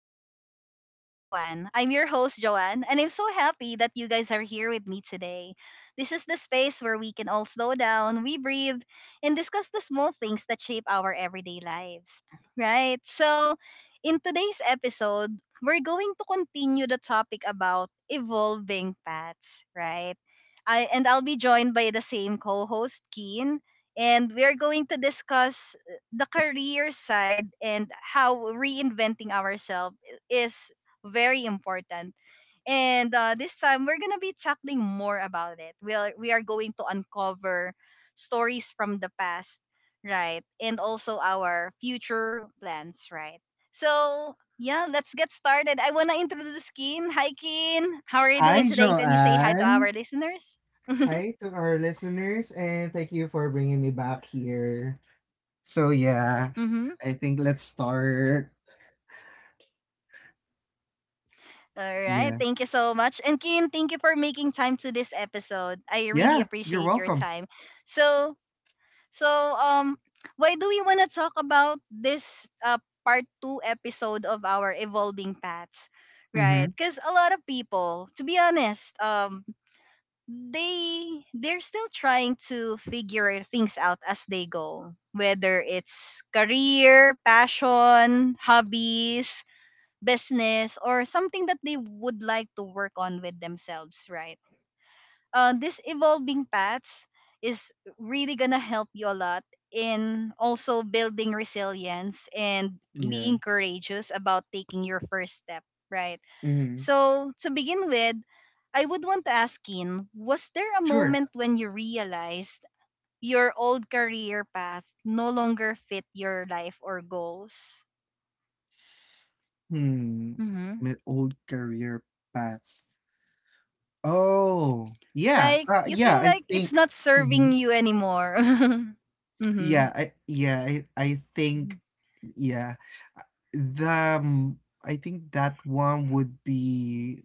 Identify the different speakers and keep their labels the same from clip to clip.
Speaker 1: Mindful Moments with Joanne. I'm your host, Joanne, and I'm so happy that you guys are here with me today. This is the space where we can all slow down, we breathe, and discuss the small things that shape our everyday lives. Right? So, in today's episode, we're going to continue the topic about evolving paths, right? And I'll be joined by the same co host, Keen, and we're going to discuss the career side and how reinventing ourselves is very important. And this time we're gonna be tackling more about it. We are going to uncover stories from the past, right, and also our future plans, right. So yeah, let's get started. I wanna introduce Keen. Hi, Keen. How are you doing
Speaker 2: Hi,
Speaker 1: today? Can you say hi to
Speaker 2: Joanne.
Speaker 1: our listeners?
Speaker 2: Hi to our listeners, and thank you for bringing me back here. So, yeah,
Speaker 1: Mm-hmm.
Speaker 2: I think let's start.
Speaker 1: All right.
Speaker 2: Yeah.
Speaker 1: Thank you so much. And Kin, thank you for making time to this episode. I really
Speaker 2: Yeah, you're
Speaker 1: appreciate your
Speaker 2: welcome.
Speaker 1: time. So, so um why do we want to talk about this part 2 episode of our evolving paths, right?
Speaker 2: Mm-hmm.
Speaker 1: Cuz a lot of people, to be honest, they're still trying to figure things out as they go, whether it's career, passion, hobbies, business or something that they would like to work on with themselves, right? This evolving paths is really gonna help you a lot in also building resilience and
Speaker 2: Yeah.
Speaker 1: being courageous about taking your first step, right?
Speaker 2: Mm-hmm.
Speaker 1: So to begin with, I would want to ask Keen, was there a
Speaker 2: Sure.
Speaker 1: moment when you realized your old career path no longer fit your life or goals?
Speaker 2: Hmm.
Speaker 1: Mm-hmm.
Speaker 2: My old career path. Oh, yeah.
Speaker 1: Like you
Speaker 2: Yeah,
Speaker 1: feel
Speaker 2: I
Speaker 1: like it's
Speaker 2: think.
Speaker 1: not
Speaker 2: Mm-hmm.
Speaker 1: serving you anymore. Mm-hmm.
Speaker 2: I think. Yeah. uh, The, um, I think that one would be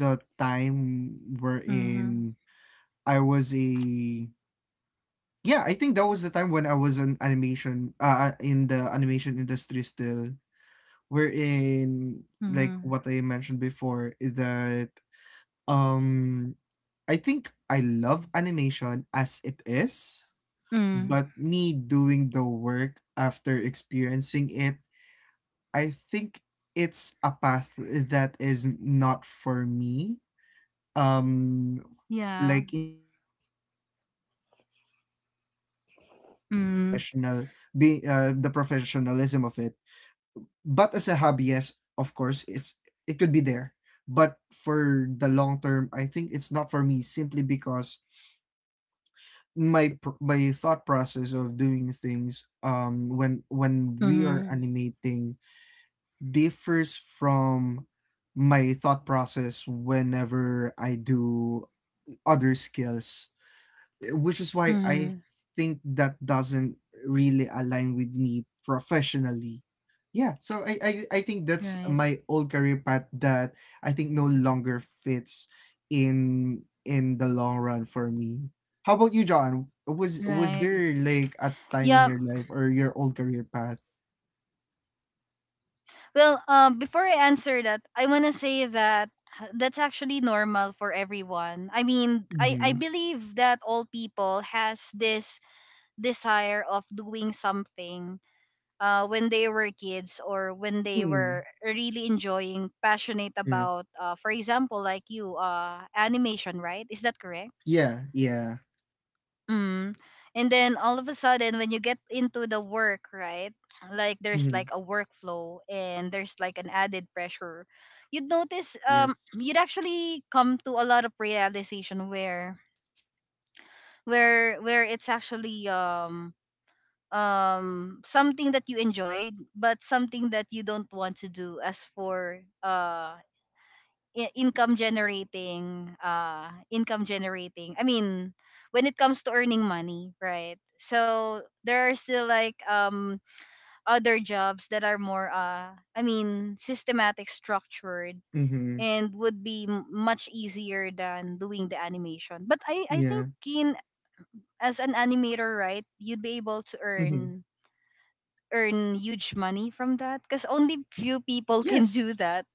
Speaker 2: the time wherein
Speaker 1: Mm-hmm.
Speaker 2: I was a yeah, I think that was the time when I was an animation in the animation industry still, wherein, like
Speaker 1: Mm-hmm.
Speaker 2: what I mentioned before, is that um I think I love animation as it is,
Speaker 1: Mm.
Speaker 2: but me doing the work after experiencing it, I think it's a path that is not for me, um
Speaker 1: Yeah.
Speaker 2: like, in terms of being a
Speaker 1: Mm.
Speaker 2: professional, being the professionalism of it. But as a hobby, yes, of course, it could be there. But for the long term, I think it's not for me, simply because my thought process of doing things, when we are
Speaker 1: Mm-hmm.
Speaker 2: animating, differs from my thought process whenever I do other skills, which is why I
Speaker 1: Mm.
Speaker 2: think that doesn't really align with me professionally. Yeah, so I think that's
Speaker 1: Right.
Speaker 2: my old career path that I think no longer fits in in the long run for me. How about you, John? Was
Speaker 1: Right.
Speaker 2: there like a time in
Speaker 1: Yeah.
Speaker 2: your life or your old career path?
Speaker 1: Well, before I answer that, I wanna say that that's actually normal for everyone. I mean, I
Speaker 2: Mm-hmm.
Speaker 1: believe that all people has this desire of doing something when they were kids or when they
Speaker 2: Mm,
Speaker 1: were really enjoying, passionate
Speaker 2: yeah.
Speaker 1: about, for example, like you, animation, right? Is that correct?
Speaker 2: Yeah, yeah.
Speaker 1: Mm. And then all of a sudden, when you get into the work, right? Like there's
Speaker 2: Mm-hmm.
Speaker 1: like a workflow and there's like an added pressure. You'd notice,
Speaker 2: Yes.
Speaker 1: you'd actually come to a lot of realization where it's actually something that you enjoyed but something that you don't want to do as for income generating, when it comes to earning money, right? So there are still like other jobs that are more systematic, structured
Speaker 2: Mm-hmm.
Speaker 1: and would be much easier than doing the animation, but I
Speaker 2: Yeah.
Speaker 1: think Keen, as an animator, right, you'd be able to
Speaker 2: Mm-hmm.
Speaker 1: earn huge money from that because only few people can do
Speaker 2: Yes.
Speaker 1: that.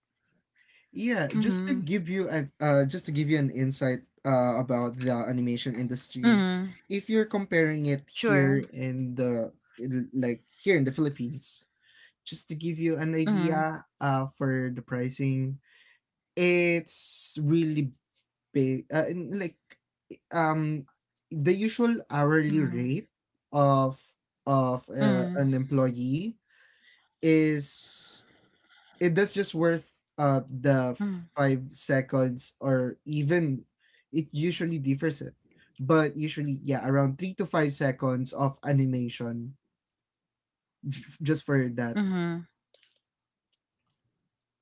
Speaker 2: Yeah, just to
Speaker 1: Mm-hmm.
Speaker 2: give you an insight about the animation industry,
Speaker 1: Mm-hmm.
Speaker 2: if you're comparing it
Speaker 1: Sure.
Speaker 2: here in the, like here in the Philippines. Just to give you an
Speaker 1: Mm-hmm.
Speaker 2: idea for the pricing, it's really big, um the usual hourly
Speaker 1: Mm-hmm.
Speaker 2: rate of
Speaker 1: Mm-hmm.
Speaker 2: an employee, is it that's just worth the 5 seconds, or even, it usually differs, it but usually, yeah, around 3 to 5 seconds of animation, just for that.
Speaker 1: Mm-hmm.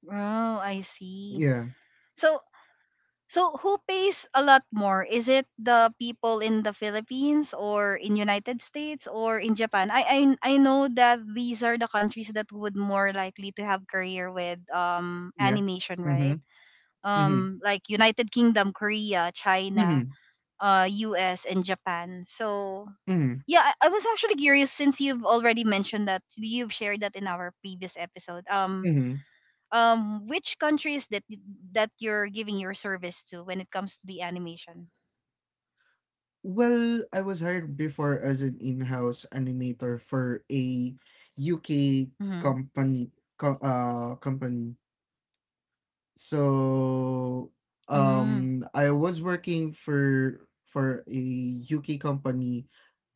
Speaker 1: Oh, I see.
Speaker 2: Yeah.
Speaker 1: So, so, who pays a lot more? Is it the people in the Philippines or in United States or in Japan? I know that these are the countries that would more likely to have career with
Speaker 2: Yeah.
Speaker 1: animation,
Speaker 2: Mm-hmm.
Speaker 1: right?
Speaker 2: Mm-hmm.
Speaker 1: Like United Kingdom, Korea, China
Speaker 2: Mm-hmm.
Speaker 1: US and Japan. So
Speaker 2: Mm-hmm,
Speaker 1: yeah, I was actually curious since you've already mentioned that you've shared that in our previous episode. Um
Speaker 2: mm-hmm.
Speaker 1: um which countries that that you're giving your service to when it comes to the animation?
Speaker 2: Well, I was hired before as an in-house animator for a UK
Speaker 1: Mhm.
Speaker 2: company company. So,
Speaker 1: Mhm.
Speaker 2: I was working for a UK company,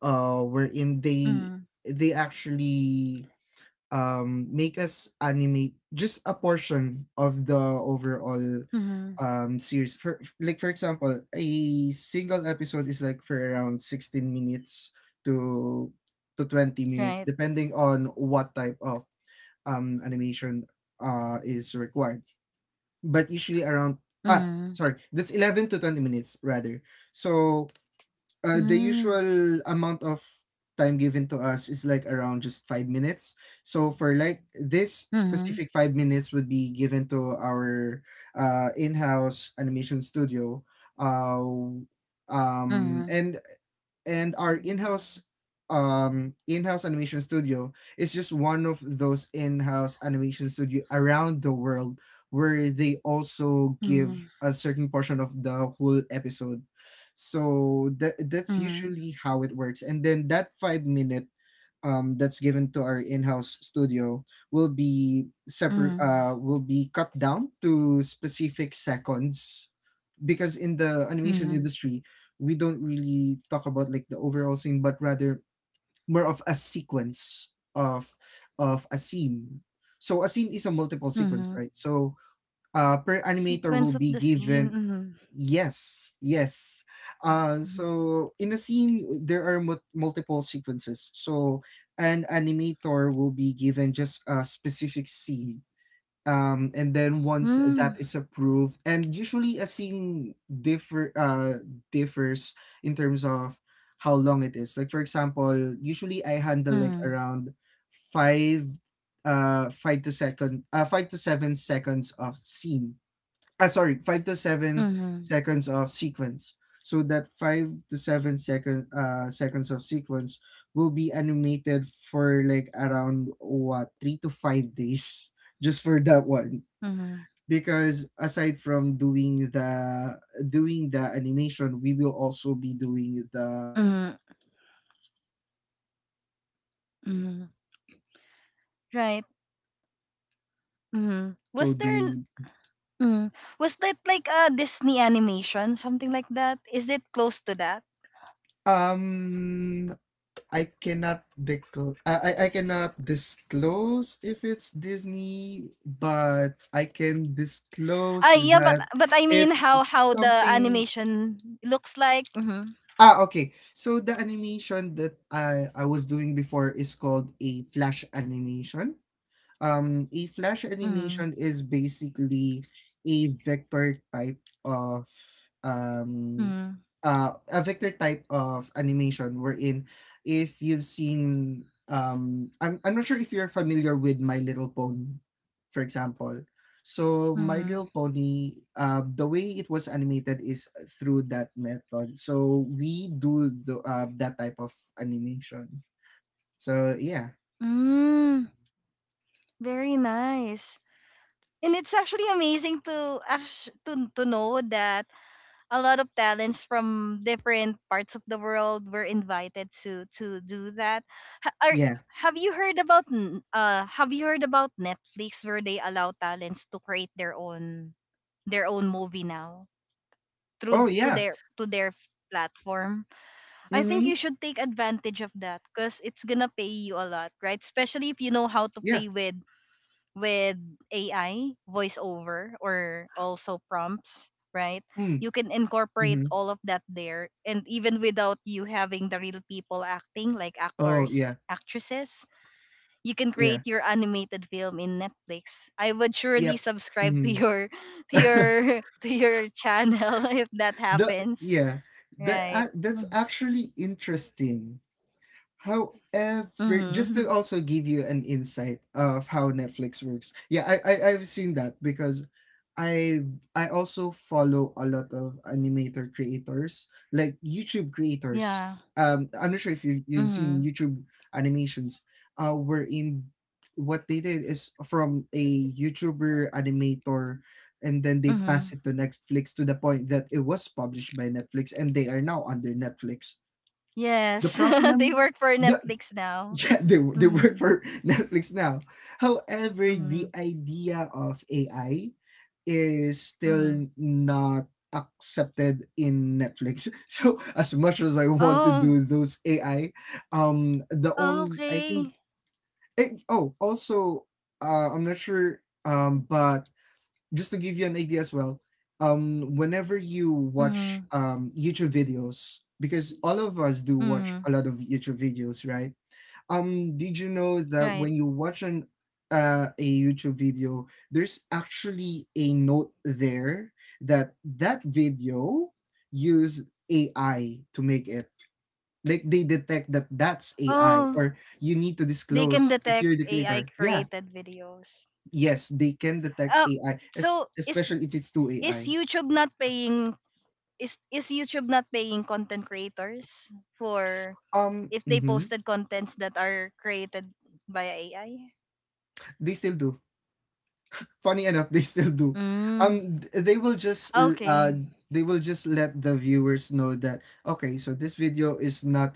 Speaker 2: wherein they
Speaker 1: Mhm.
Speaker 2: they actually make us animate just a portion of the overall
Speaker 1: Mhm.
Speaker 2: series. For Like, for example, a single episode is, like, for around 16 minutes to to 20 minutes,
Speaker 1: Right.
Speaker 2: depending on what type of animation is required, but usually around, ah,
Speaker 1: Mhm.
Speaker 2: sorry, that's 11 to 20 minutes rather. So, the
Speaker 1: Mhm.
Speaker 2: usual amount of time given to us is like around just 5 minutes. So, for like this
Speaker 1: Mhm.
Speaker 2: specific 5 minutes would be given to our, in-house animation studio. uh, um
Speaker 1: Mhm.
Speaker 2: and and our in-house animation studio is just one of those in-house animation studio around the world, where they also give
Speaker 1: Mhm.
Speaker 2: a certain portion of the whole episode. So that's
Speaker 1: Mhm.
Speaker 2: usually how it works. And then that 5 minute, that's given to our in-house studio, will be
Speaker 1: Mhm.
Speaker 2: cut down to specific seconds, because in the animation
Speaker 1: Mhm.
Speaker 2: industry, we don't really talk about, like, the overall scene, but rather more of a sequence of a scene. So a scene is a multiple sequence,
Speaker 1: Mhm.
Speaker 2: right? So, per animator
Speaker 1: Sequence
Speaker 2: will
Speaker 1: of
Speaker 2: be
Speaker 1: the scene.
Speaker 2: given,
Speaker 1: Mhm.
Speaker 2: yes, yes.
Speaker 1: Mhm.
Speaker 2: So in a scene, there are multiple sequences. So an animator will be given just a specific scene, and then once that
Speaker 1: Mm.
Speaker 2: is approved. And usually a scene differ uh differs in terms of how long it is. Like, for example, usually I handle, like,
Speaker 1: Mm.
Speaker 2: around five 5 to 7 seconds of scene, ah, sorry, five to seven
Speaker 1: Mhm.
Speaker 2: seconds of sequence. So that five to seven seconds of sequence will be animated for, like, around what, 3 to 5 days, just for that one.
Speaker 1: Mhm.
Speaker 2: Because aside from doing the animation, we will also be doing
Speaker 1: Mhm.
Speaker 2: the adding of assets.
Speaker 1: Mhm.
Speaker 2: So aside from
Speaker 1: Right?
Speaker 2: adding the assets, we
Speaker 1: Mhm.
Speaker 2: also do
Speaker 1: Mhm. Was that like a Disney animation, something like that? Is it close to that?
Speaker 2: um I cannot disclose. I cannot disclose if it's Disney, but I can
Speaker 1: Ah,
Speaker 2: disclose
Speaker 1: yeah,
Speaker 2: that
Speaker 1: but I mean
Speaker 2: it's
Speaker 1: how the
Speaker 2: something.
Speaker 1: animation looks like. Mhm.
Speaker 2: Ah, okay. So the animation that I was doing before is called a flash animation. A flash
Speaker 1: Mhm.
Speaker 2: animation is basically a vector type of, um
Speaker 1: Mhm.
Speaker 2: animation, wherein if you've seen, I'm not sure if you're familiar with My Little Pony, for example. So My
Speaker 1: Mhm.
Speaker 2: Little Pony, the way it was animated is through that method. So we do the that type of animation. So, yeah.
Speaker 1: Mm, very nice. And it's actually amazing to to know that a lot of talents from different parts of the world were invited to do that. Ha- Are,
Speaker 2: Yeah.
Speaker 1: have you heard about have you heard about Netflix where they allow talents to create their own movie now through
Speaker 2: Oh, yeah.
Speaker 1: to their platform? I think
Speaker 2: Mm-hmm.
Speaker 1: you should take advantage of that because it's gonna pay you a lot, right? Especially if you know how to
Speaker 2: Yeah.
Speaker 1: play with AI, voiceover, or also prompts, right?
Speaker 2: Mm,
Speaker 1: You can incorporate
Speaker 2: mhm.
Speaker 1: all of that there. And even without you having the real people acting, like
Speaker 2: Oh,
Speaker 1: actors,
Speaker 2: yeah.
Speaker 1: actresses, you can
Speaker 2: Yeah.
Speaker 1: create your animated film in Netflix. I would surely
Speaker 2: Yep.
Speaker 1: subscribe to
Speaker 2: Mhm.
Speaker 1: your to your to your channel if that
Speaker 2: The
Speaker 1: happens.
Speaker 2: Yeah. That uh,
Speaker 1: Right.
Speaker 2: that's actually interesting. However, just to
Speaker 1: Mm-hmm.
Speaker 2: also give you an insight of how Netflix works. Yeah, I've seen that, because I I also follow a lot of animator creators, like YouTube creators.
Speaker 1: Yeah.
Speaker 2: I'm not sure if you've seen
Speaker 1: Mm-hmm.
Speaker 2: YouTube animations, wherein what they did is, from a YouTuber animator, and then they pass
Speaker 1: Mm-hmm.
Speaker 2: it to Netflix, to the point that it was published by Netflix, and they are now under Netflix. The
Speaker 1: Yes. They
Speaker 2: problem.
Speaker 1: work for
Speaker 2: The,
Speaker 1: Netflix now.
Speaker 2: Yeah, they work
Speaker 1: Mm-hmm.
Speaker 2: for Netflix now. However,
Speaker 1: Mm-hmm.
Speaker 2: the idea of AI is
Speaker 1: Mhm.
Speaker 2: still not accepted in Netflix. So as much as I want to
Speaker 1: Oh,
Speaker 2: do those AI, the only I think
Speaker 1: okay.
Speaker 2: eh, oh also I'm not sure, but just to give you an idea as well, whenever you watch
Speaker 1: Mhm,
Speaker 2: YouTube videos, because all of us do watch
Speaker 1: mhm,
Speaker 2: a lot of YouTube videos, right? Did you know that
Speaker 1: right.
Speaker 2: when you watch an a YouTube video, there's actually a note there that that video used AI to make it? Like, they detect that that's AI,
Speaker 1: Oh,
Speaker 2: or you need to
Speaker 1: they can
Speaker 2: disclose if
Speaker 1: detect
Speaker 2: you're the
Speaker 1: AI
Speaker 2: creator. Yeah,
Speaker 1: created videos.
Speaker 2: yes, they can detect
Speaker 1: Um,
Speaker 2: AI, es-
Speaker 1: so is
Speaker 2: especially if it's two
Speaker 1: is
Speaker 2: AI.
Speaker 1: YouTube not paying is YouTube not paying content creators for if they
Speaker 2: Mhm.
Speaker 1: posted contents that are created by AI?
Speaker 2: They still do. Funny enough, they still do.
Speaker 1: Mm.
Speaker 2: They will just,
Speaker 1: Okay,
Speaker 2: let the viewers know that, okay, so this video is not,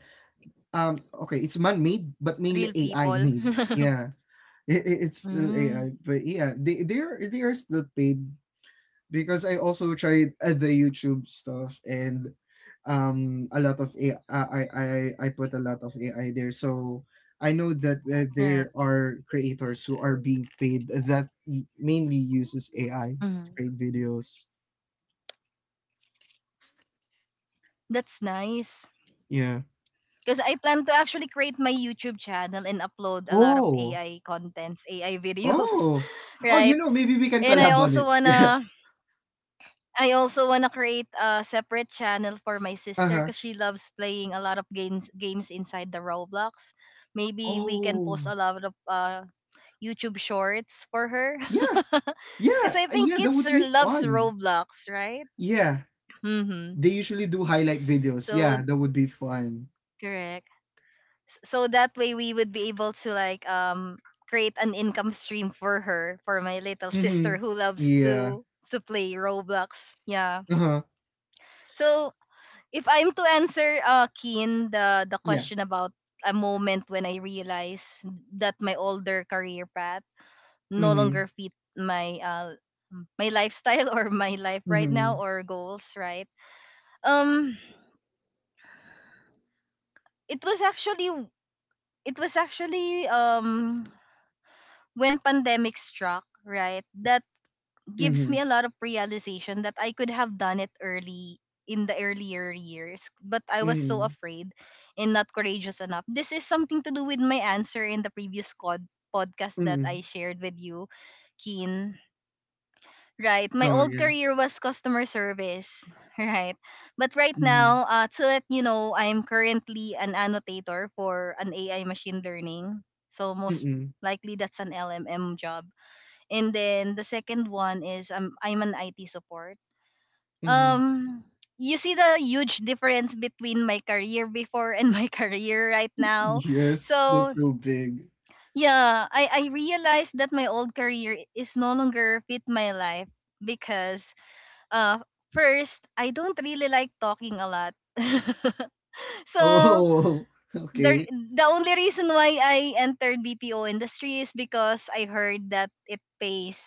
Speaker 2: okay, it's man-made, but mainly
Speaker 1: real
Speaker 2: AI
Speaker 1: people.
Speaker 2: made. Yeah. It's still AI,
Speaker 1: Mm.
Speaker 2: but, yeah, they are still paid, because I also tried, the YouTube stuff, and, a lot of AI, I put a lot of AI there. So I know that,
Speaker 1: Right.
Speaker 2: there are creators who are being paid that mainly uses AI to
Speaker 1: Mhm.
Speaker 2: create videos.
Speaker 1: That's nice.
Speaker 2: Yeah.
Speaker 1: Because I plan to actually create my YouTube channel and upload a lot of
Speaker 2: Oh.
Speaker 1: AI contents, AI videos,
Speaker 2: Oh. Oh, you
Speaker 1: right?
Speaker 2: know, maybe we can
Speaker 1: And I
Speaker 2: collab on
Speaker 1: also
Speaker 2: it. Yeah.
Speaker 1: wanna I also wanna create a separate channel for my sister
Speaker 2: Uh-huh.
Speaker 1: because she loves playing a lot of games inside the Roblox. Maybe we can
Speaker 2: Oh.
Speaker 1: post a lot of YouTube shorts for her
Speaker 2: Yeah. Yeah.
Speaker 1: because I think
Speaker 2: Yeah, that
Speaker 1: kids
Speaker 2: would
Speaker 1: are-
Speaker 2: be
Speaker 1: loves
Speaker 2: fun.
Speaker 1: Roblox, right?
Speaker 2: Yeah.
Speaker 1: Mm-hmm.
Speaker 2: They usually do highlight videos.
Speaker 1: So
Speaker 2: Yeah, that would be fun.
Speaker 1: correct. So that way we would be able to like create an income stream for her, for my little
Speaker 2: Mm-hmm.
Speaker 1: sister who loves
Speaker 2: Yeah.
Speaker 1: to play Roblox, yeah.
Speaker 2: Uh-huh.
Speaker 1: So if I'm to answer Keen, the
Speaker 2: Yeah.
Speaker 1: question about a moment when I realized that my older career path no
Speaker 2: Mm-hmm.
Speaker 1: longer fit my my lifestyle or my life right now
Speaker 2: Mm-hmm.
Speaker 1: or goals, right? um it was actually, it was actually um when pandemic struck, right, that gives
Speaker 2: Mm-hmm.
Speaker 1: me a lot of realization that I could have done it early in the earlier years, but I was so
Speaker 2: Mm-hmm.
Speaker 1: afraid and not courageous enough. This is something to do with my answer in the previous podcast that
Speaker 2: Mm-hmm.
Speaker 1: I shared with you, Keen. Right, my
Speaker 2: Oh,
Speaker 1: old
Speaker 2: yeah.
Speaker 1: career was customer service, right? But right
Speaker 2: Mm-hmm.
Speaker 1: now, to let you know, I am currently an annotator for an AI machine learning. So most
Speaker 2: Mm-hmm.
Speaker 1: likely that's an LMM job and then the second one is I'm an IT support.
Speaker 2: Mm-hmm.
Speaker 1: Um, you see the huge difference between my career before and my career right now.
Speaker 2: Yes, that's
Speaker 1: So
Speaker 2: so big.
Speaker 1: yeah, I realized that my old career is no longer fit my life because uh first I don't really like talking a lot. So
Speaker 2: Oh, okay.
Speaker 1: the only reason why I entered BPO industry is because I heard that it pays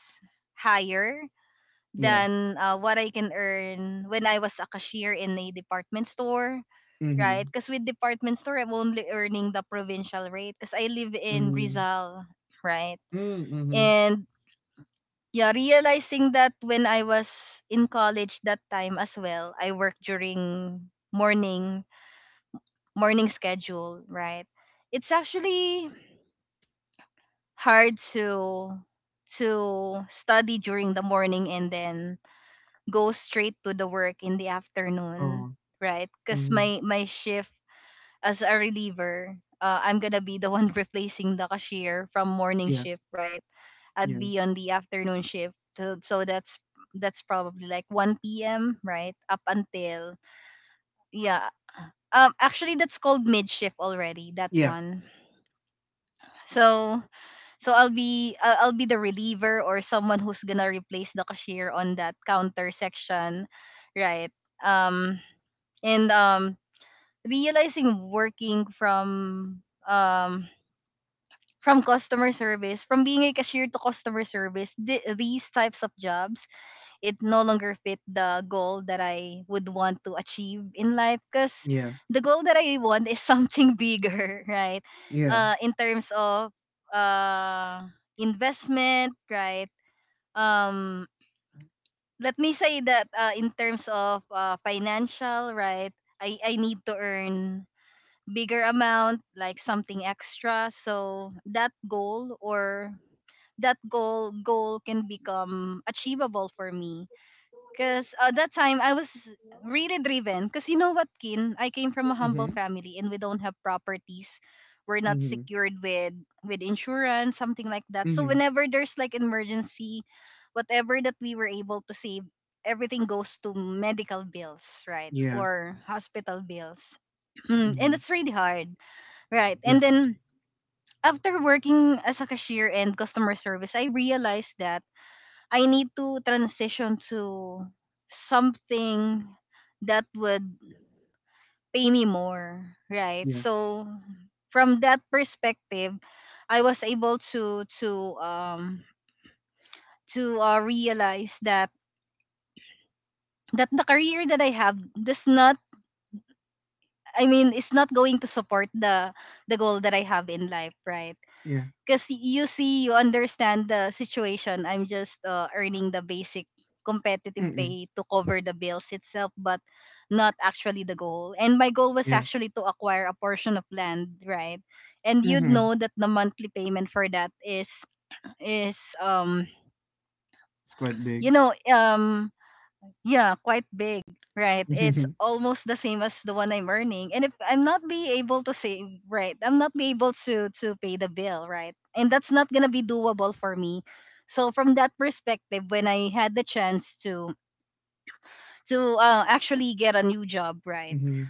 Speaker 1: higher
Speaker 2: Yeah.
Speaker 1: than what I can earn when I was a cashier in a department store,
Speaker 2: Mm-hmm.
Speaker 1: right? Because with department store, I'm only earning the provincial rate because I live in
Speaker 2: Mm-hmm.
Speaker 1: Rizal, right?
Speaker 2: Mm-hmm.
Speaker 1: And yeah, realizing that when I was in college that time as well, I worked during morning morning schedule, right? It's actually hard to study during the morning and then go straight to the work in the afternoon,
Speaker 2: Oh.
Speaker 1: right? Because
Speaker 2: Mm-hmm.
Speaker 1: my shift as a reliever, I'm gonna be the one replacing the cashier from morning
Speaker 2: Yeah.
Speaker 1: shift, right? I'd
Speaker 2: Yeah.
Speaker 1: be on the afternoon shift, so, that's probably like 1 p.m. right up until yeah. Actually, that's called mid shift already. That
Speaker 2: Yeah.
Speaker 1: one. So so I'll be the reliever or someone who's gonna replace the cashier on that counter section, right? Um, and Realizing working um from customer service, from being a cashier to customer service, these types of jobs it no longer fit the goal that I would want to achieve in life because
Speaker 2: Yeah.
Speaker 1: the goal that I want is something bigger, right?
Speaker 2: Yeah.
Speaker 1: In terms of uh investment, right? um Let me say that in terms of financial, right? I need to earn bigger amount, like something extra. So that goal or that goal can become achievable for me. Cause at that time I was really driven. Cause you know what, Kin, I came from a humble
Speaker 2: Mm-hmm.
Speaker 1: family and we don't have properties. We're not
Speaker 2: Mm-hmm.
Speaker 1: secured with insurance, something like that. So
Speaker 2: Mm-hmm.
Speaker 1: whenever there's like emergency, whatever that we were able to save, everything goes to medical bills, right?
Speaker 2: Yeah.
Speaker 1: Or hospital bills. And
Speaker 2: Mm-hmm.
Speaker 1: it's really hard. Right. And
Speaker 2: Yeah.
Speaker 1: then after working as a cashier and customer service, I realized that I need to transition to something that would pay me more, right?
Speaker 2: Yeah.
Speaker 1: So from that perspective, I was able to um realize that the career that I have does not, I mean, it's not going to support the goal that I have in life, right?
Speaker 2: Yeah.
Speaker 1: Because you see, you understand the situation. I'm just earning the basic competitive
Speaker 2: Mm-mm.
Speaker 1: pay to cover the bills itself, but not actually the goal. And my goal was
Speaker 2: Yeah.
Speaker 1: actually to acquire a portion of land, right? And you'd
Speaker 2: Mm-hmm.
Speaker 1: know that the monthly payment for that is
Speaker 2: It's quite
Speaker 1: you
Speaker 2: big.
Speaker 1: know um yeah, quite big, right? It's
Speaker 2: Mm-hmm.
Speaker 1: almost the same as the one I'm earning. And if I'm not be able to save, right? I'm not be able to pay the bill, right? And that's not going to be doable for me. So from that perspective, when I had the chance to actually get a new job, right?
Speaker 2: Mm-hmm.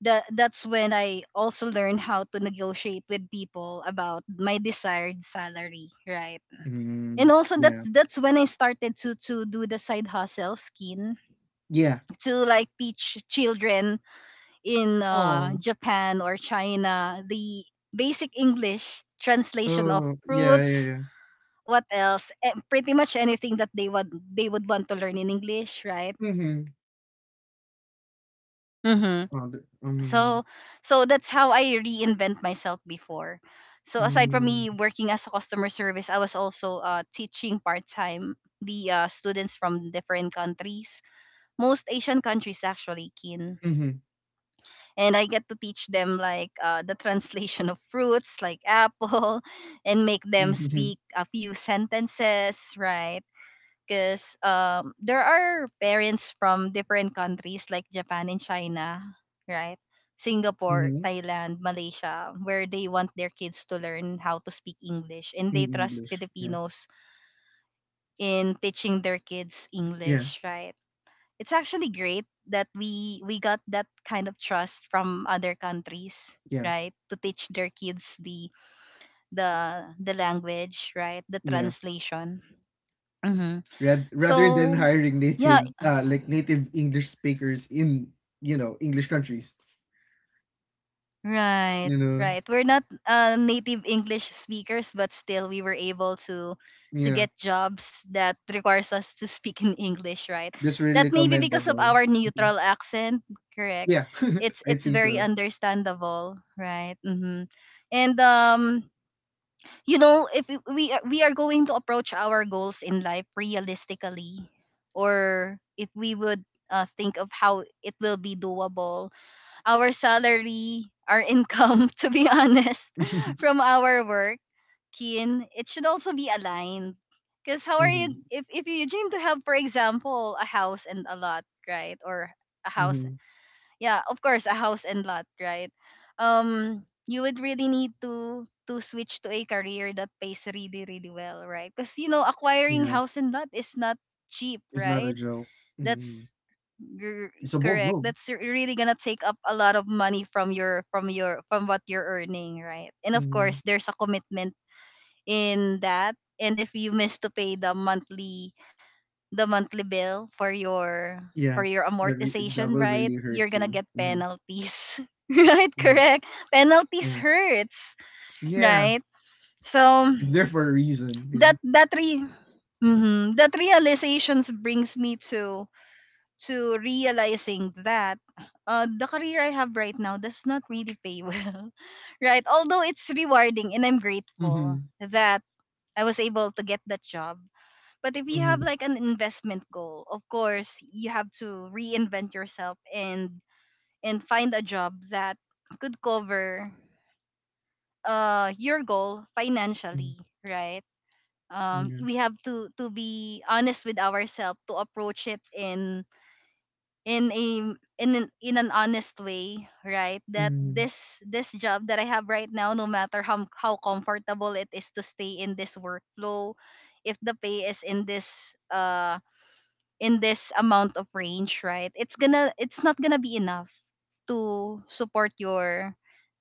Speaker 1: That's when I also learned how to negotiate with people about my desired salary, right?
Speaker 2: Mm-hmm.
Speaker 1: And also that's
Speaker 2: Yeah.
Speaker 1: that's when I started to do the side hustle, skin,
Speaker 2: Yeah.
Speaker 1: to like teach children in
Speaker 2: Oh.
Speaker 1: Japan or China the basic English translation of
Speaker 2: Oh, yeah, yeah,
Speaker 1: fruits,
Speaker 2: yeah.
Speaker 1: what else, eh, pretty much anything that they would want to learn in English, right?
Speaker 2: Mhm.
Speaker 1: Mm-hmm.
Speaker 2: Oh, the, mm,
Speaker 1: So so that's how I reinvent myself before. So aside from
Speaker 2: mm,
Speaker 1: me working as a customer service, I was also teaching part time the students from different countries, most Asian countries actually, Kin.
Speaker 2: mhm,
Speaker 1: And I get to teach them like the translation of fruits like apple and make them
Speaker 2: mhm,
Speaker 1: speak a few sentences, right? Because there are parents from different countries like Japan and China, right? Singapore,
Speaker 2: mhm,
Speaker 1: Thailand, Malaysia, where they want their kids to learn how to speak English and
Speaker 2: in
Speaker 1: they trust
Speaker 2: English. Yeah.
Speaker 1: Filipinos in teaching their kids
Speaker 2: Yeah,
Speaker 1: English, right? It's actually great that we got that kind of trust from other countries,
Speaker 2: yeah,
Speaker 1: right, to teach their kids the the language, right, the
Speaker 2: yeah.
Speaker 1: translation. Hmm.
Speaker 2: Rad rather than
Speaker 1: So
Speaker 2: hiring
Speaker 1: yeah.
Speaker 2: natives, like native English speakers in, English countries,
Speaker 1: Right,
Speaker 2: you know.
Speaker 1: right. We're not native English speakers, but still we were able to
Speaker 2: Yeah.
Speaker 1: get jobs that requires us to speak in English, right?
Speaker 2: That's
Speaker 1: That
Speaker 2: really
Speaker 1: may be because of
Speaker 2: commendable.
Speaker 1: our
Speaker 2: Mhm.
Speaker 1: neutral accent, correct?
Speaker 2: Yeah, I
Speaker 1: It's
Speaker 2: think
Speaker 1: very
Speaker 2: so.
Speaker 1: understandable, right? Mm-hmm. And you know, if we are going to approach our goals in life realistically, or if we would think of how it will be doable, our salary, our income, to be honest, from our work, kin, it should also be aligned. Because how are
Speaker 2: Hmm.
Speaker 1: you, if you dream to have, for example, a house and a lot, right? Or a house,
Speaker 2: Hmm.
Speaker 1: yeah, of course, a house and lot, right? You would really need to switch to a career that pays really, really well, right? Because, you know, acquiring
Speaker 2: Yeah.
Speaker 1: house and lot is not cheap,
Speaker 2: It's not a
Speaker 1: right?
Speaker 2: joke. Hmm.
Speaker 1: that's gr-
Speaker 2: It's a bold
Speaker 1: Correct,
Speaker 2: move.
Speaker 1: really gonna take up a lot of money from your from your from what you're earning, right? And of
Speaker 2: Mm-hmm.
Speaker 1: course there's a commitment in that. And if you miss to pay the monthly bill for
Speaker 2: Yeah,
Speaker 1: your
Speaker 2: that
Speaker 1: amortization,
Speaker 2: will
Speaker 1: right,
Speaker 2: really hurt
Speaker 1: you're gonna
Speaker 2: you.
Speaker 1: get
Speaker 2: Hmm.
Speaker 1: penalties right?
Speaker 2: Yeah,
Speaker 1: Correct, penalties
Speaker 2: yeah,
Speaker 1: hurts,
Speaker 2: yeah.
Speaker 1: right? So
Speaker 2: It's there for a reason. Yeah.
Speaker 1: that that re- Mhm. That realizations brings me to realizing that the career I have right now does not really pay well, right? Although it's rewarding and I'm grateful
Speaker 2: Mm-hmm.
Speaker 1: that I was able to get that job. But if you have
Speaker 2: Mm-hmm.
Speaker 1: like an investment goal, of course, you have to reinvent yourself and find a job that could cover your goal
Speaker 2: Mm.
Speaker 1: financially, right?
Speaker 2: Yeah.
Speaker 1: We have to be honest with ourselves to approach it in an honest way, right, that
Speaker 2: Mm-hmm.
Speaker 1: this job that I have right now, no matter how comfortable it is to stay in this workflow, if the pay is in this amount of range, right, it's gonna, it's not gonna be enough to support your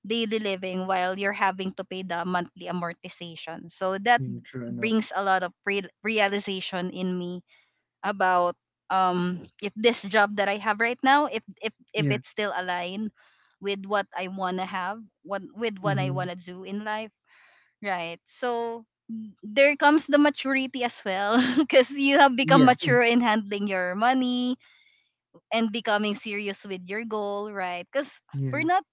Speaker 1: daily living while you're having to pay the monthly amortization. So that
Speaker 2: Yeah. True enough.
Speaker 1: brings a lot of realization in me about if this job that I have right now, if
Speaker 2: Yeah.
Speaker 1: it's still aligned with what I wanna have, what with what I
Speaker 2: Mm-hmm.
Speaker 1: wanna do in life, right? So there comes the maturity as well because you have become
Speaker 2: Yeah.
Speaker 1: mature in handling your money and becoming serious with your goal, right? Because
Speaker 2: Yeah.
Speaker 1: we're not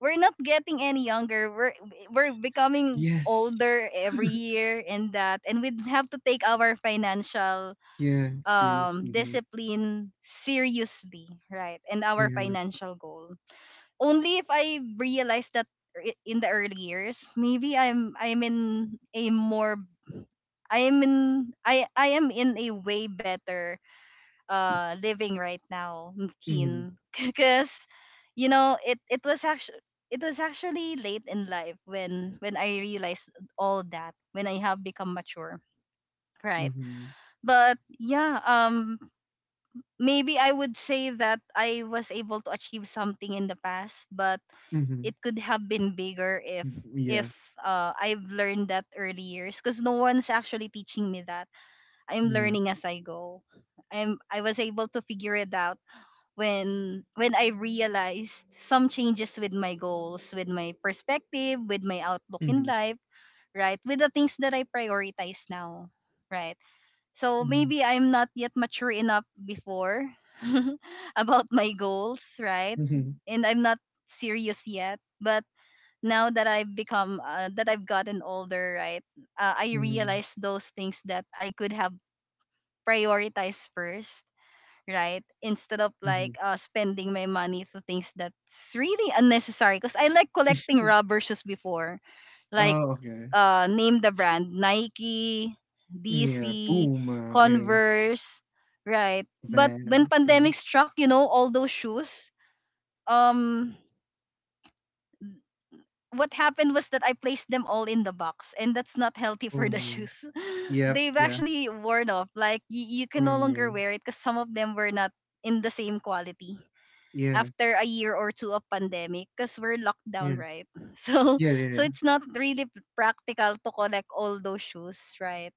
Speaker 1: we're not getting any younger, we're becoming
Speaker 2: Yes.
Speaker 1: older every year. And that and we have to take our financial
Speaker 2: Yeah. Seriously.
Speaker 1: discipline seriously, right? And our
Speaker 2: Yeah.
Speaker 1: financial goal. Only if I realize that in the early years, maybe I'm in a more, I am in a way better living right now,
Speaker 2: Mm-hmm.
Speaker 1: Keen, because you know it it was actually late in life when I realized all that, when I have become mature, right?
Speaker 2: Mm-hmm.
Speaker 1: But yeah, maybe I would say that I was able to achieve something in the past, but
Speaker 2: Mm-hmm.
Speaker 1: it could have been bigger
Speaker 2: Yeah.
Speaker 1: if I've learned that early years, because no one's actually teaching me that. I'm
Speaker 2: Yeah.
Speaker 1: learning as I go. I was able to figure it out when I realized some changes with my goals, with my perspective, with my outlook in
Speaker 2: Mm-hmm.
Speaker 1: life, right? With the things that I prioritize now. Right. So
Speaker 2: Mm-hmm.
Speaker 1: maybe I'm not yet mature enough before about my goals, right?
Speaker 2: Mm-hmm.
Speaker 1: And I'm not serious yet. But now that I've become, that I've gotten older, right? I
Speaker 2: Mm-hmm.
Speaker 1: realize those things that I could have prioritized first, right? Instead of
Speaker 2: Mm-hmm.
Speaker 1: like spending my money to things that's really unnecessary. Because I like collecting rubber shoes before like
Speaker 2: Oh, okay.
Speaker 1: name the brand, Nike,
Speaker 2: Yeah.
Speaker 1: DC,
Speaker 2: Puma. Yeah.
Speaker 1: Converse, right? But when
Speaker 2: Vans. Yeah.
Speaker 1: pandemic struck, you know, all those shoes, um, what happened was that I placed them all in the box, and that's not healthy for
Speaker 2: Oh,
Speaker 1: the
Speaker 2: no.
Speaker 1: shoes.
Speaker 2: Yep.
Speaker 1: They've
Speaker 2: Yep.
Speaker 1: actually worn off. Like you can
Speaker 2: Oh,
Speaker 1: no longer
Speaker 2: no.
Speaker 1: wear it because some of them were not in the same quality
Speaker 2: Yeah,
Speaker 1: after a year or two of pandemic because we're locked down,
Speaker 2: yeah.
Speaker 1: right? So
Speaker 2: Yeah, yeah, yeah.
Speaker 1: it's not really practical to collect all those shoes, right?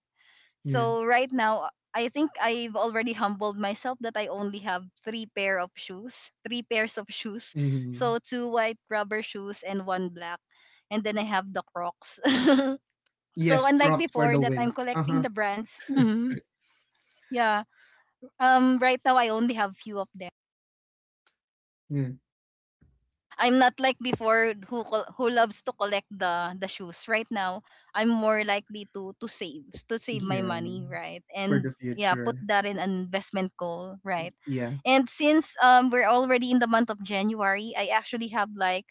Speaker 2: Yeah.
Speaker 1: So right now, I think I've already humbled myself that I only have three pair of shoes, three pairs of shoes.
Speaker 2: Mhm.
Speaker 1: So two white rubber shoes and one black, and then I have the Crocs. So
Speaker 2: Yes,
Speaker 1: unlike
Speaker 2: Crocs for
Speaker 1: before
Speaker 2: the
Speaker 1: that I'm
Speaker 2: win.
Speaker 1: collecting
Speaker 2: Uh-huh.
Speaker 1: the brands. Mhm. Yeah. Right now I only have few of them.
Speaker 2: Yeah.
Speaker 1: I'm not like before who who loves to collect the shoes. Right now, I'm more likely to save my
Speaker 2: Yeah.
Speaker 1: money, right?
Speaker 2: For the
Speaker 1: And yeah, put
Speaker 2: future.
Speaker 1: that in an investment goal, right?
Speaker 2: Yeah.
Speaker 1: And since we're already in the month of January, I actually have like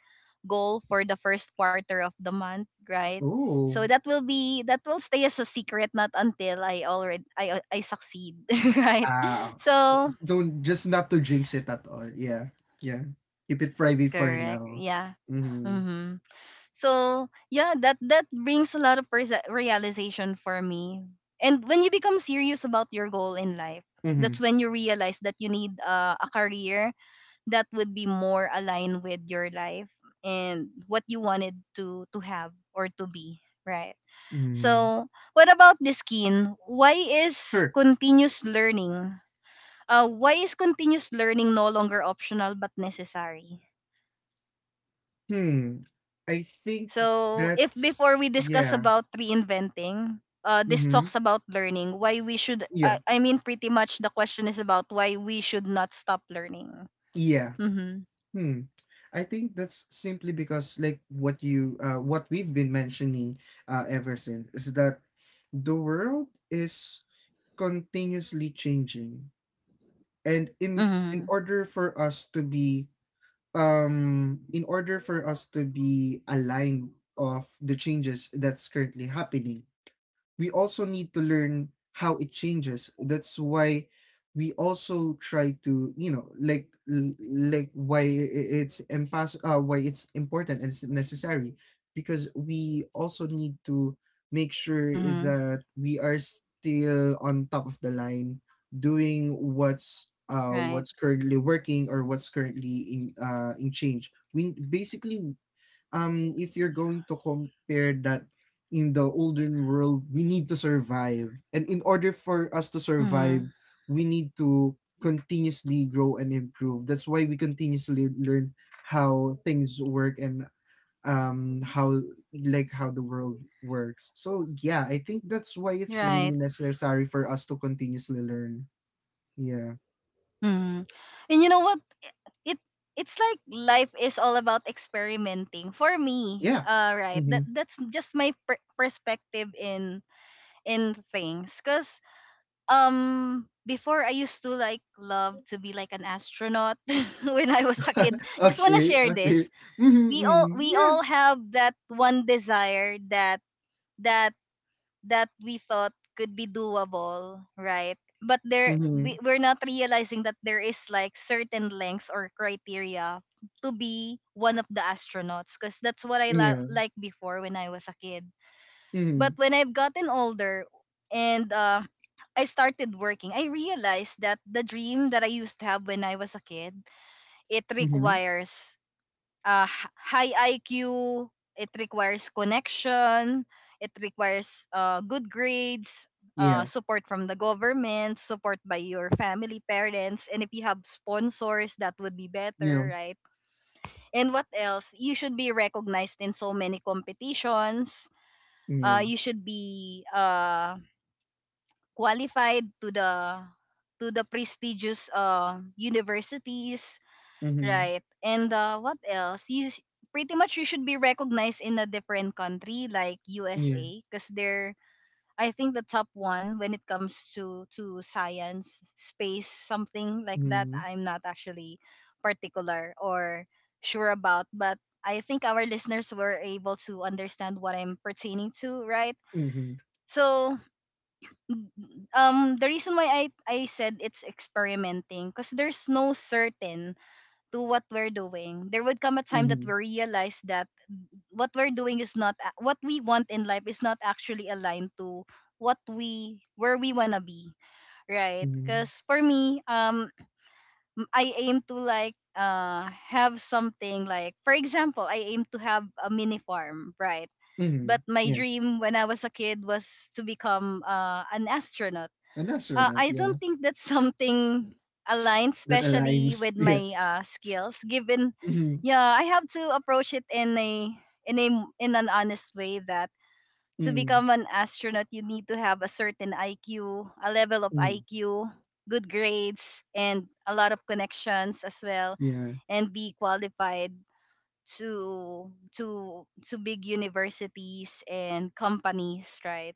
Speaker 1: goal for the first quarter of the month, right?
Speaker 2: Oh.
Speaker 1: So that will be that will stay as a secret not until I already I succeed, right?
Speaker 2: Ah. So
Speaker 1: So
Speaker 2: it's, don't, just not to jinx it at all. Yeah. Yeah. Keep it private for
Speaker 1: correct,
Speaker 2: now.
Speaker 1: yeah.
Speaker 2: Mm-hmm.
Speaker 1: Mm-hmm. So yeah, that that brings a lot of realization for me. And when you become serious about your goal in life,
Speaker 2: Mm-hmm.
Speaker 1: that's when you realize that you need a career that would be more aligned with your life and what you wanted to have or to be, right?
Speaker 2: Mm-hmm.
Speaker 1: So what about this skin? Why is
Speaker 2: Sure.
Speaker 1: continuous learning? Why is continuous learning no longer optional but necessary?
Speaker 2: Hmm. I think
Speaker 1: So, if
Speaker 2: that's,
Speaker 1: before we discuss
Speaker 2: yeah.
Speaker 1: about reinventing, this
Speaker 2: Mm-hmm.
Speaker 1: talks about learning, why we should,
Speaker 2: Yeah.
Speaker 1: I mean, pretty much the question is about why we should not stop learning.
Speaker 2: Yeah.
Speaker 1: Mm-hmm.
Speaker 2: Hmm. I think that's simply because, like, what we've been mentioning ever since, is that the world is continuously changing. And in
Speaker 1: Mm-hmm.
Speaker 2: order for us to be in order for us to be aligned of the changes that's currently happening, we also need to learn how it changes. That's why we also try to, you know, like like why it's important and it's necessary because we also need to make sure
Speaker 1: Mm-hmm.
Speaker 2: that we are still on top of the line doing
Speaker 1: Right.
Speaker 2: what's currently working or what's currently in change. We basically, if you're going to compare that, in the olden world we need to survive, and in order for us to survive
Speaker 1: Mm-hmm.
Speaker 2: we need to continuously grow and improve. That's why we continuously learn how things work and, how, like how the world works. So yeah, I think that's why it's
Speaker 1: Right.
Speaker 2: really necessary for us to continuously learn. Yeah,
Speaker 1: Mm-hmm. And you know what? It It's like life is all about experimenting. For me,
Speaker 2: yeah,
Speaker 1: right. That
Speaker 2: mm-hmm.
Speaker 1: that's just my perspective in things, cause before I used to like love to be like an astronaut when I was a kid. Just want to
Speaker 2: okay
Speaker 1: share
Speaker 2: okay
Speaker 1: this.
Speaker 2: Mm-hmm, mm-hmm.
Speaker 1: We
Speaker 2: Yeah,
Speaker 1: all have that one desire that that that we thought could be doable, right? But there
Speaker 2: mm-hmm.
Speaker 1: we, we're not realizing that there is like certain lengths or criteria to be one of the astronauts, because that's what I
Speaker 2: Yeah,
Speaker 1: like before when I was a kid.
Speaker 2: mm-hmm.
Speaker 1: But when I've gotten older and I started working, I realized that the dream that I used to have when I was a kid, it
Speaker 2: Mhm.
Speaker 1: requires high IQ, it requires connection, it requires good grades,
Speaker 2: Yeah.
Speaker 1: support from the government, support by your family, parents, and if you have sponsors, that would be
Speaker 2: Yeah.
Speaker 1: better, right? And what else? You should be recognized in so many competitions.
Speaker 2: Yeah.
Speaker 1: You should be qualified to the prestigious universities,
Speaker 2: Mhm.
Speaker 1: right? And what else? Pretty much you should be recognized in a different country like
Speaker 2: Yeah.
Speaker 1: USA because they're, I think, the top one when it comes to science, space, something like that.
Speaker 2: Mhm.
Speaker 1: I'm not actually particular or sure about, but I think our listeners were able to understand what I'm pertaining to, right?
Speaker 2: Mhm.
Speaker 1: So the reason why I said it's experimenting because there's no certain to what we're doing. There would come a time that we
Speaker 2: Mhm.
Speaker 1: realize that what we're doing is not a- what we want in life is not actually aligned to what we where we wanna be, right?
Speaker 2: Mhm.
Speaker 1: Because for me, I aim to like have something. Like for example, I aim to have a mini farm, right?
Speaker 2: Mhm.
Speaker 1: But my
Speaker 2: Yeah.
Speaker 1: dream when I was a kid was to become an astronaut.
Speaker 2: And that's An astronaut.
Speaker 1: I
Speaker 2: Yeah.
Speaker 1: don't think that's something aligned,
Speaker 2: That
Speaker 1: especially with
Speaker 2: aligns. Yeah.
Speaker 1: my skills. Given,
Speaker 2: Mhm.
Speaker 1: yeah, I have to approach it in a in an honest way that to
Speaker 2: Mhm.
Speaker 1: become an astronaut, you need to have a certain IQ, a level of
Speaker 2: Mhm.
Speaker 1: IQ, good grades, and a lot of connections as well,
Speaker 2: Yeah.
Speaker 1: and be qualified to big universities and companies, right?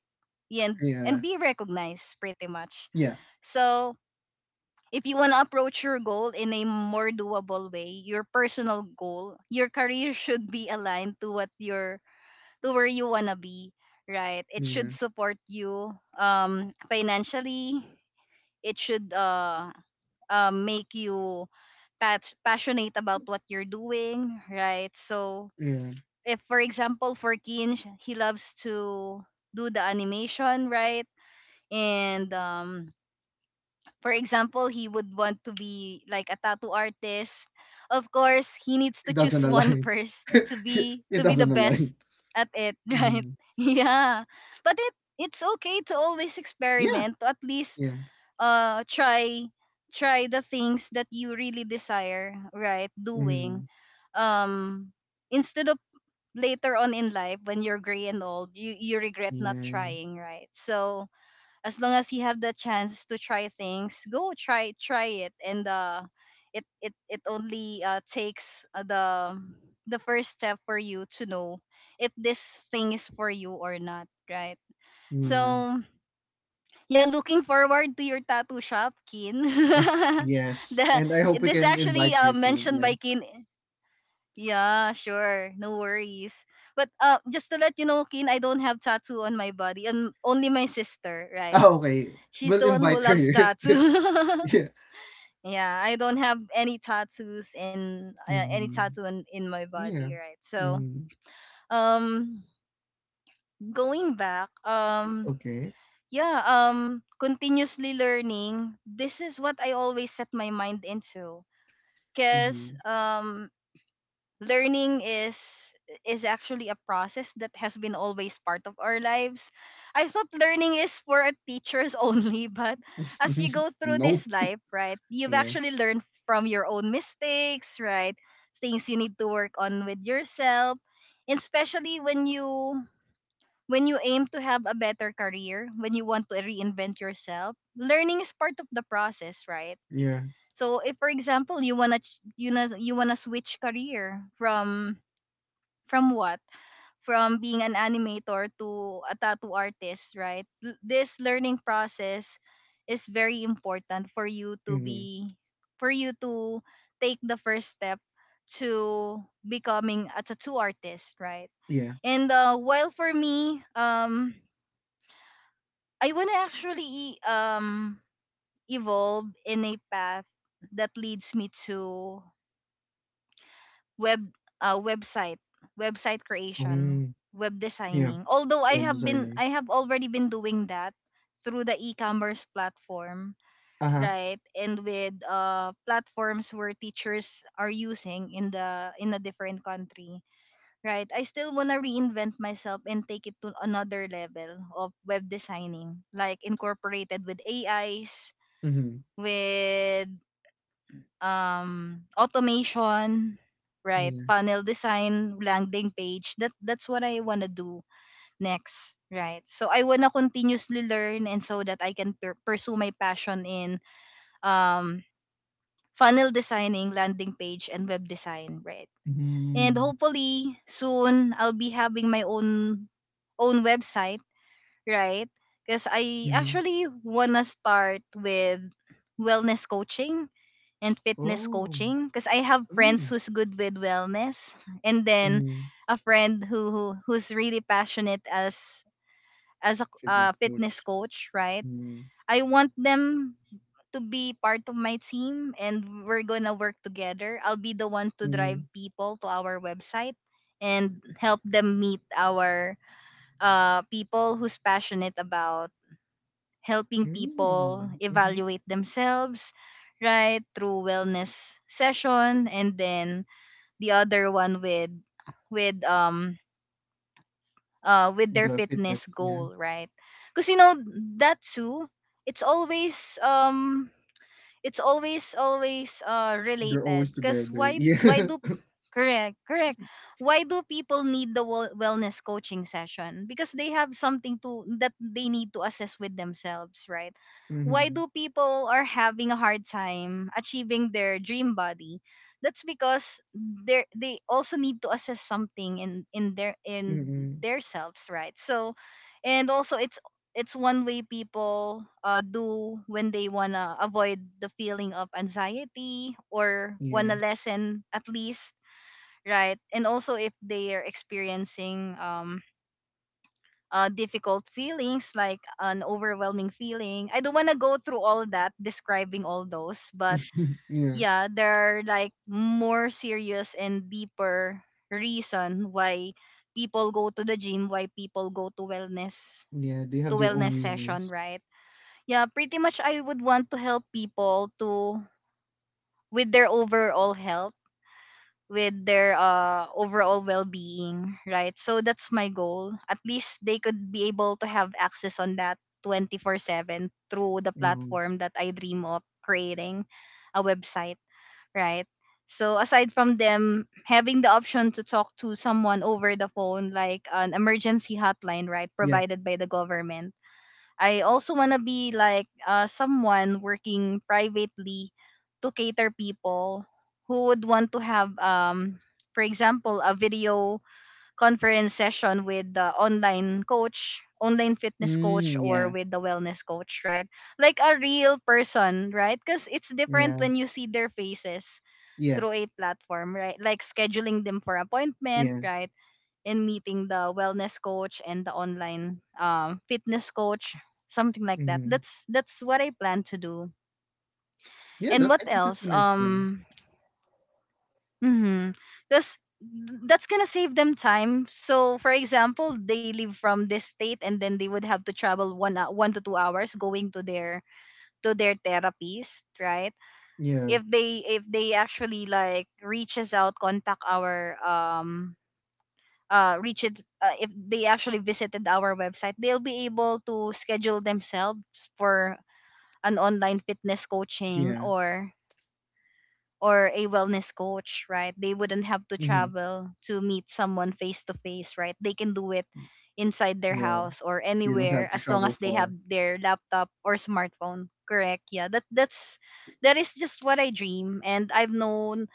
Speaker 1: Yeah, and
Speaker 2: Yeah.
Speaker 1: be recognized pretty much.
Speaker 2: Yeah.
Speaker 1: So if you want to approach your goal in a more doable way, your personal goal, your career should be aligned to what your to where you want to be, right? It
Speaker 2: Yeah.
Speaker 1: should support you financially. It should make you passionate about what you're doing, right? So,
Speaker 2: Yeah.
Speaker 1: if for example, for Keen, he loves to do the animation, right? And for example, he would want to be like a tattoo artist. Of course, he needs to
Speaker 2: It
Speaker 1: choose
Speaker 2: doesn't
Speaker 1: one
Speaker 2: align.
Speaker 1: first to
Speaker 2: It it
Speaker 1: be the
Speaker 2: doesn't align.
Speaker 1: best at it, right?
Speaker 2: Mhm.
Speaker 1: Yeah. But it's okay to always
Speaker 2: Yeah.
Speaker 1: experiment, to at least
Speaker 2: Yeah.
Speaker 1: try the things that you really desire, right? Doing
Speaker 2: Mhm.
Speaker 1: um instead of Later on in life when you're gray and old, you regret not
Speaker 2: Yeah.
Speaker 1: trying, right? So, as long as you have the chance to try things, go try it. And it only takes the first step for you to know if this thing is for you or not, right?
Speaker 2: Yeah.
Speaker 1: So yeah, looking forward to your tattoo shop, Kin.
Speaker 2: Yes.
Speaker 1: the
Speaker 2: And I hope we
Speaker 1: this
Speaker 2: can
Speaker 1: actually
Speaker 2: invite you soon.
Speaker 1: mentioned
Speaker 2: Yeah.
Speaker 1: by Kin. Yeah, sure, no worries. But just to let you know, Kin, I don't have tattoo on my body, and only my sister, right?
Speaker 2: Ah, okay.
Speaker 1: She's
Speaker 2: We'll
Speaker 1: the one who
Speaker 2: invite her.
Speaker 1: loves tattoo.
Speaker 2: Yeah.
Speaker 1: Yeah, I don't have any tattoos in
Speaker 2: Mhm.
Speaker 1: in my body,
Speaker 2: Yeah.
Speaker 1: right? So,
Speaker 2: Mm.
Speaker 1: um going back,
Speaker 2: Okay.
Speaker 1: yeah, continuously learning, this is what I always set my mind into, because
Speaker 2: Mm-hmm.
Speaker 1: learning is actually a process that has been always part of our lives. I thought learning is for a teachers only, but as you go through
Speaker 2: Nope.
Speaker 1: this life, right, you've
Speaker 2: Yeah.
Speaker 1: actually learned from your own mistakes, right? Things you need to work on with yourself, and especially when you aim to have a better career, when you want to reinvent yourself. Learning is part of the process, right?
Speaker 2: Yeah.
Speaker 1: So if for example you wanna you wanna switch career from what? From being an animator to a tattoo artist, right? This learning process is very important
Speaker 2: Mm-hmm.
Speaker 1: for you to take the first step to becoming a tattoo artist, right?
Speaker 2: Yeah.
Speaker 1: And while for me, I want to actually evolve in a path that leads me to web uh, website website creation,
Speaker 2: Mm.
Speaker 1: web
Speaker 2: Yeah.
Speaker 1: designing, although I
Speaker 2: Web
Speaker 1: have been,
Speaker 2: designing.
Speaker 1: I have already been doing that through the e-commerce platform,
Speaker 2: Uh-huh.
Speaker 1: right? And with platforms where teachers are using in the in a different country, right? I still want to reinvent myself and take it to another level of web designing, like incorporated with ais
Speaker 2: Mm-hmm.
Speaker 1: with automation, right?
Speaker 2: Yeah.
Speaker 1: Funnel design, landing page, that's what I want to do next, right? So I want to continuously learn, and so that I can pursue my passion in um funnel designing, landing page, and web design, right? And
Speaker 2: Mm-hmm.
Speaker 1: hopefully soon I'll be having my own website, right? Because I
Speaker 2: Mm-hmm.
Speaker 1: actually want to start with wellness coaching and fitness
Speaker 2: Oh.
Speaker 1: coaching, because I have friends
Speaker 2: Mm.
Speaker 1: who's good with wellness, and then
Speaker 2: Mm-hmm.
Speaker 1: a friend who, who's really passionate as a
Speaker 2: Fitness coach.
Speaker 1: fitness coach, right?
Speaker 2: Mm.
Speaker 1: I want them to be part of my team, and we're going to work together. I'll be the one to drive
Speaker 2: Mm.
Speaker 1: people to our website and help them meet our people who's passionate about helping people
Speaker 2: Mm. Mm-hmm.
Speaker 1: evaluate themselves, right, through wellness session, and then the other one with with um with their
Speaker 2: The fitness.
Speaker 1: fitness
Speaker 2: Yeah.
Speaker 1: goal, right? Because you know that too, it's always um it's always
Speaker 2: They're
Speaker 1: related.
Speaker 2: always
Speaker 1: Because
Speaker 2: together. Yeah.
Speaker 1: why do, correct, correct, why do people need the wellness coaching session? Because they have something to that they need to assess with themselves, right? Why
Speaker 2: mm-hmm.
Speaker 1: do people are having a hard time achieving their dream body? That's because they also need to assess something in
Speaker 2: Mm-hmm.
Speaker 1: their selves, right? So, and also it, it's one way people do when they wanna avoid the feeling of anxiety, or wanna
Speaker 2: Yeah.
Speaker 1: lessen at least, right? And also if they are experiencing difficult feelings, like an overwhelming feeling. I don't wanna go through all that describing all those, but
Speaker 2: yeah.
Speaker 1: yeah, there are like more serious and deeper reason why people go to the gym, why people go
Speaker 2: Yeah. They
Speaker 1: to
Speaker 2: have their own
Speaker 1: wellness session,
Speaker 2: reasons.
Speaker 1: right? Yeah, pretty much I would want to help people to, with their overall health, with their overall well-being, right? So that's my goal. At least they could be able to have access on that 24/7 through the
Speaker 2: Um,
Speaker 1: platform that I dream of creating, a website, right? So aside from them having the option to talk to someone over the phone, like an emergency hotline, right,
Speaker 2: yeah.
Speaker 1: provided by the government, I also want to be like someone working privately to cater people who would want to have, for example, a video conference session with the online coach, online fitness coach,
Speaker 2: Mm,
Speaker 1: or
Speaker 2: yeah.
Speaker 1: with the wellness coach, right? Like a real person, right? Because it's different
Speaker 2: Yeah,
Speaker 1: when you see their faces
Speaker 2: yeah,
Speaker 1: through a platform, right? Like scheduling them for appointment,
Speaker 2: yeah.
Speaker 1: right? In meeting the wellness coach and the online fitness coach, something like
Speaker 2: Hmm.
Speaker 1: that's what I plan to do.
Speaker 2: Yeah,
Speaker 1: And what
Speaker 2: I think that's a
Speaker 1: else?
Speaker 2: nice plan.
Speaker 1: Mm that's that's gonna save them time. So for example, they live from this state, and then they would have to travel 1 to 2 hours going to their therapist, right?
Speaker 2: Yeah,
Speaker 1: If they actually like reaches out, contact our if they actually visited our website, they'll be able to schedule themselves for an online fitness coaching
Speaker 2: yeah,
Speaker 1: or a wellness coach, right? They wouldn't have to
Speaker 2: hmm,
Speaker 1: travel to meet someone face to face, right? They can do it inside their
Speaker 2: yeah.
Speaker 1: house or
Speaker 2: They don't
Speaker 1: anywhere,
Speaker 2: have to
Speaker 1: as long
Speaker 2: travel
Speaker 1: as they have
Speaker 2: far.
Speaker 1: their laptop or smartphone. Correct. Yeah. That's that is just what I dream. And I've known,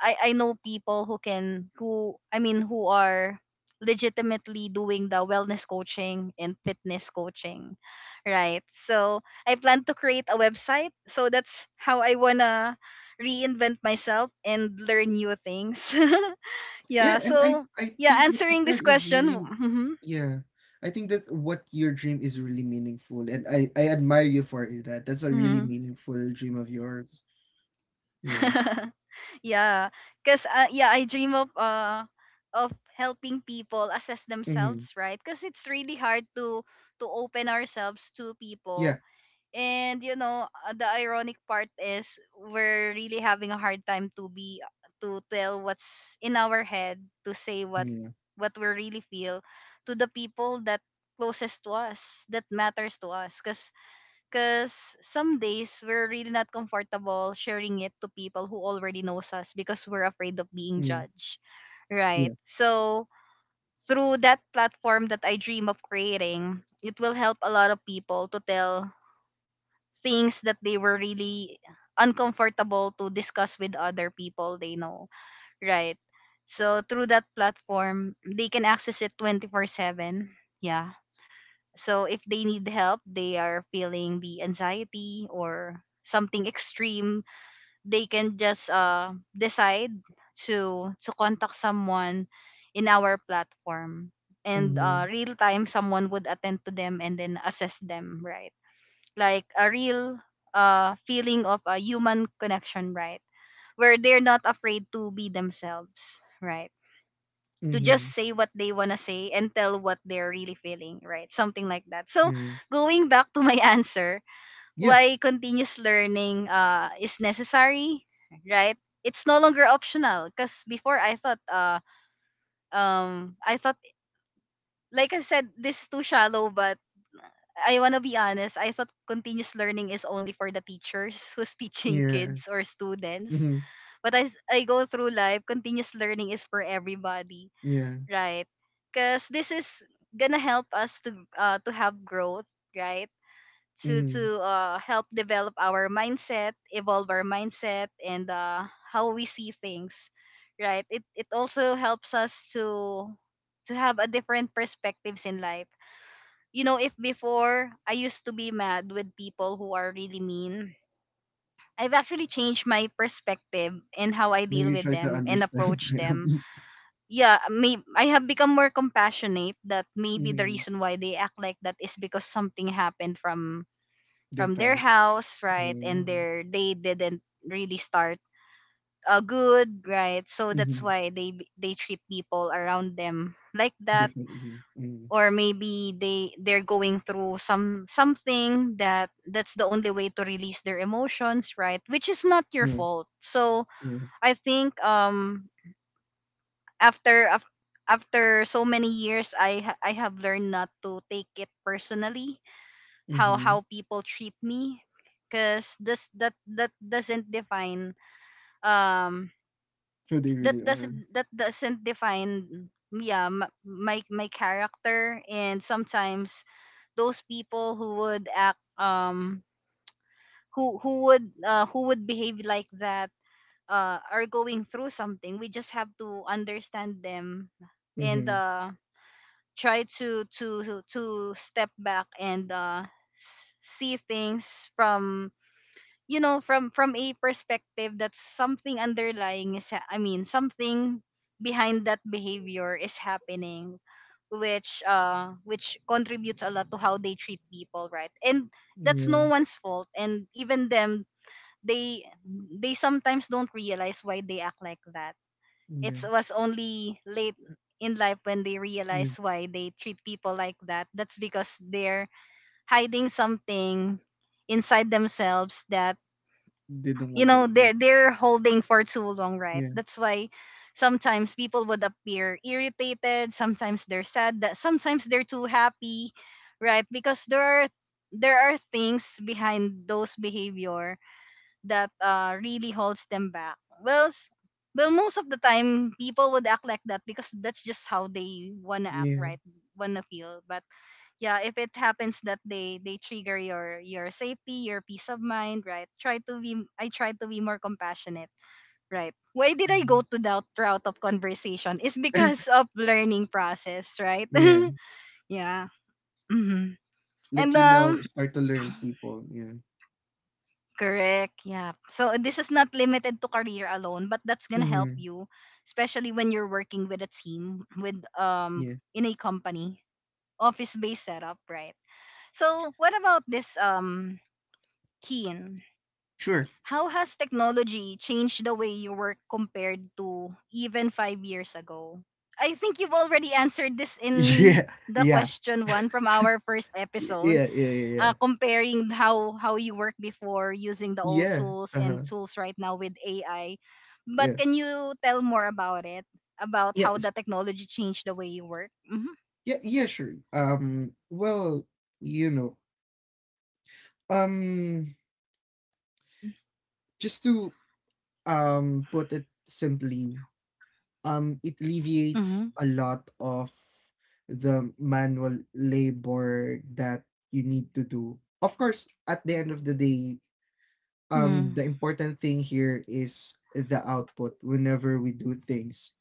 Speaker 1: I know people who can, who I mean who are legitimately doing the wellness coaching and fitness coaching, right? So I plan to create a website. So that's how I wanna reinvent myself and learn new things.
Speaker 2: Yeah,
Speaker 1: Yeah,
Speaker 2: and I,
Speaker 1: so
Speaker 2: I
Speaker 1: yeah,
Speaker 2: think what you
Speaker 1: answering
Speaker 2: said
Speaker 1: this
Speaker 2: is
Speaker 1: question.
Speaker 2: really,
Speaker 1: Mhm,
Speaker 2: yeah. I think that what your dream is really meaningful, and I admire you for it, that. That's a really
Speaker 1: mhm.
Speaker 2: meaningful dream of yours. Yeah.
Speaker 1: Yeah, cuz yeah, I dream of helping people assess
Speaker 2: Mm-hmm.
Speaker 1: themselves, right? Cuz it's really hard to open ourselves to
Speaker 2: Yeah.
Speaker 1: people. And you know, the ironic part is we're really having a hard time to tell what's in our head, to say
Speaker 2: Yeah.
Speaker 1: what we really feel to the people that closest to us, that matters to us, cuz some days we're really not comfortable sharing it to people who already knows us, because we're afraid of being
Speaker 2: Yeah.
Speaker 1: judged.
Speaker 2: Yeah.
Speaker 1: Right. So through that platform that I dream of creating, it will help a lot of people to tell things that they were really uncomfortable to discuss with other people they know, right? So through that platform, they can access it 24/7. Yeah. So if they need help, they are feeling the anxiety or something extreme, they can just decide to contact someone in our platform, and
Speaker 2: Mm-hmm.
Speaker 1: real time someone would attend to them and then assess them, right? Like a real feeling of a human connection, right? Where they're not afraid to be themselves, right? To just
Speaker 2: Mm-hmm.
Speaker 1: say what they wanna say and tell what they're really feeling, right? Something like that. So
Speaker 2: Yeah.
Speaker 1: going back to my answer,
Speaker 2: Yeah.
Speaker 1: why continuous learning is necessary, right? It's no longer optional. Because before I thought I thought, like I said this is too shallow, but I wanna be honest, I thought continuous learning is only for the teachers who's teaching
Speaker 2: Yeah.
Speaker 1: kids or students.
Speaker 2: Mm-hmm.
Speaker 1: But as I go through life, continuous learning is for everybody,
Speaker 2: Yeah.
Speaker 1: right? Because this is gonna help us to have growth, right?
Speaker 2: Mm-hmm.
Speaker 1: To Help develop our mindset, evolve our mindset, and how we see things, right? It also helps us to have a different perspectives in life. If before I used to be mad with people who are really mean, I've actually changed my perspective in how I
Speaker 2: Now
Speaker 1: deal
Speaker 2: you
Speaker 1: with
Speaker 2: try to
Speaker 1: them and
Speaker 2: understand
Speaker 1: approach them.
Speaker 2: them.
Speaker 1: Yeah, may I have become more compassionate that maybe the
Speaker 2: Mhm.
Speaker 1: reason why they act like that is because something happened
Speaker 2: Their
Speaker 1: from their
Speaker 2: past.
Speaker 1: house, right? And
Speaker 2: Mm,
Speaker 1: their they didn't really start good, right? So that's
Speaker 2: mhm,
Speaker 1: why they treat people around them like that.
Speaker 2: definitely. Mm,
Speaker 1: Or maybe they're going through some something that that's the only way to release their emotions, right? Which is not your
Speaker 2: yeah.
Speaker 1: fault. So
Speaker 2: Yeah.
Speaker 1: I think after af- after so many years, I have learned not to take it personally, how
Speaker 2: Mm-hmm.
Speaker 1: how people treat me, because this that that doesn't define um
Speaker 2: So they
Speaker 1: that
Speaker 2: really are.
Speaker 1: doesn't define yeah my character. And sometimes those people who would act, who would who would behave like that, are going through something. We just have to understand them. And
Speaker 2: Mm-hmm.
Speaker 1: try to step back and see things from, you know, from a perspective that's something underlying is something behind that behavior is happening, which contributes a lot to how they treat people, right? And that's
Speaker 2: Yeah.
Speaker 1: no one's fault. And even them, they sometimes don't realize why they act like that.
Speaker 2: Yeah.
Speaker 1: It was only late in life when they
Speaker 2: Yeah.
Speaker 1: realize why they treat people like that, that's because they're hiding something inside themselves that,
Speaker 2: They don't
Speaker 1: you
Speaker 2: want to
Speaker 1: know,
Speaker 2: admit.
Speaker 1: they're holding for too long, right?
Speaker 2: Yeah.
Speaker 1: That's why sometimes people would appear irritated, sometimes they're sad, that sometimes they're too happy, right? Because there are, there are things behind those behavior that really holds them back. Well, most of the time people would act like that because that's just how they wanna act,
Speaker 2: Yeah.
Speaker 1: right? Wanna feel. But yeah, if it happens that they trigger your safety, your peace of mind, right? Try to be i try to be more compassionate, right? Why did I
Speaker 2: Mhm,
Speaker 1: go to that route of conversation is because of learning process, right?
Speaker 2: yeah.
Speaker 1: Yeah. Hmm. And
Speaker 2: Like, you know, start to learn people. Yeah.
Speaker 1: correct, yeah, so this is not limited to career alone, but that's gonna help
Speaker 2: Mm-hmm.
Speaker 1: you especially when you're working with a team, with
Speaker 2: Yeah.
Speaker 1: in a company, office based setup, right? So what about this Keen.
Speaker 2: Sure.
Speaker 1: How has technology changed the way you work compared to even 5 years ago? I think you've already answered this
Speaker 2: Yeah.
Speaker 1: in the
Speaker 2: Yeah.
Speaker 1: question one from our first episode,
Speaker 2: Yeah. Yeah. Yeah. Yeah.
Speaker 1: comparing how you work before, using the old
Speaker 2: Yeah.
Speaker 1: tools and
Speaker 2: Uh-huh.
Speaker 1: tools right now with AI. But
Speaker 2: Yeah.
Speaker 1: can you tell more about it? About how
Speaker 2: Yes.
Speaker 1: the technology changed the way you work? Mm-hmm.
Speaker 2: Yeah. Yeah. Sure. Well, you know, um, just to put it simply, it alleviates
Speaker 1: Mm-hmm.
Speaker 2: a lot of the manual labor that you need to do. Of course, at the end of the day, the important thing here is the output whenever we do things.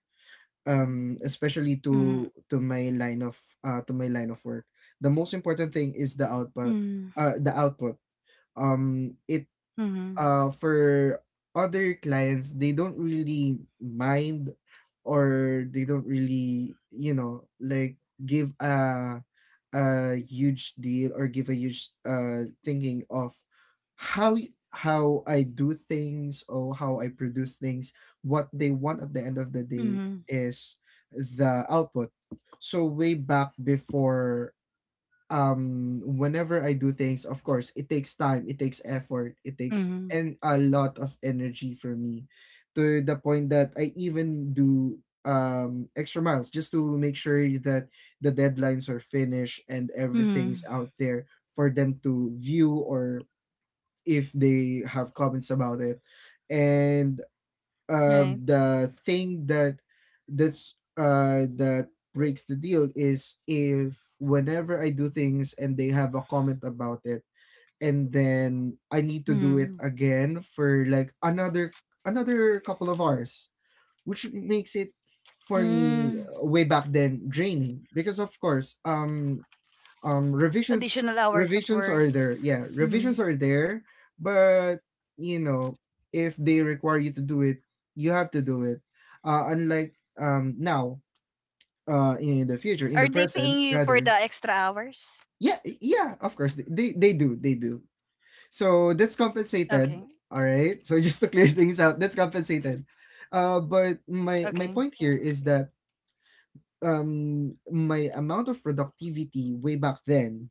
Speaker 2: Um, especially
Speaker 1: Mm-hmm.
Speaker 2: to my line of to my line of work. The most important thing is the output,
Speaker 1: Mm-hmm.
Speaker 2: the output. It
Speaker 1: Mm-hmm.
Speaker 2: For other clients, they don't really mind, or they don't really, you know, like, give a huge deal, or give a huge thinking of how I do things or how I produce things. What they want at the end of the day
Speaker 1: Mm-hmm.
Speaker 2: is the output. So, way back before, whenever I do things, of course, it takes time, it takes effort, it takes
Speaker 1: Mm-hmm.
Speaker 2: and a lot of energy for me, to the point that I even do extra miles just to make sure that the deadlines are finished and everything's
Speaker 1: Mm-hmm.
Speaker 2: out there for them to view, or if they have comments about it. And
Speaker 1: Right.
Speaker 2: the thing that that breaks the deal is if, whenever I do things and they have a comment about it, and then I need to do it
Speaker 1: Mm-hmm.
Speaker 2: again for like another couple of hours, which makes it for me,
Speaker 1: Mm,
Speaker 2: way back then, draining, because of course, revisions,
Speaker 1: additional hours of
Speaker 2: revisions
Speaker 1: work.
Speaker 2: are there yeah
Speaker 1: Mhm.
Speaker 2: revisions are there. But you know, if they require you to do it, you have to do it. Unlike, now, uh, in the future, in
Speaker 1: Are
Speaker 2: the
Speaker 1: they
Speaker 2: present
Speaker 1: paying you for the
Speaker 2: rather.
Speaker 1: extra hours?
Speaker 2: Yeah, yeah, of course they they do, they do, so that's compensated.
Speaker 1: Okay.
Speaker 2: All right, so, just to clear things out, that's compensated. Uh, but my
Speaker 1: Okay.
Speaker 2: point here is that, my amount of productivity way back then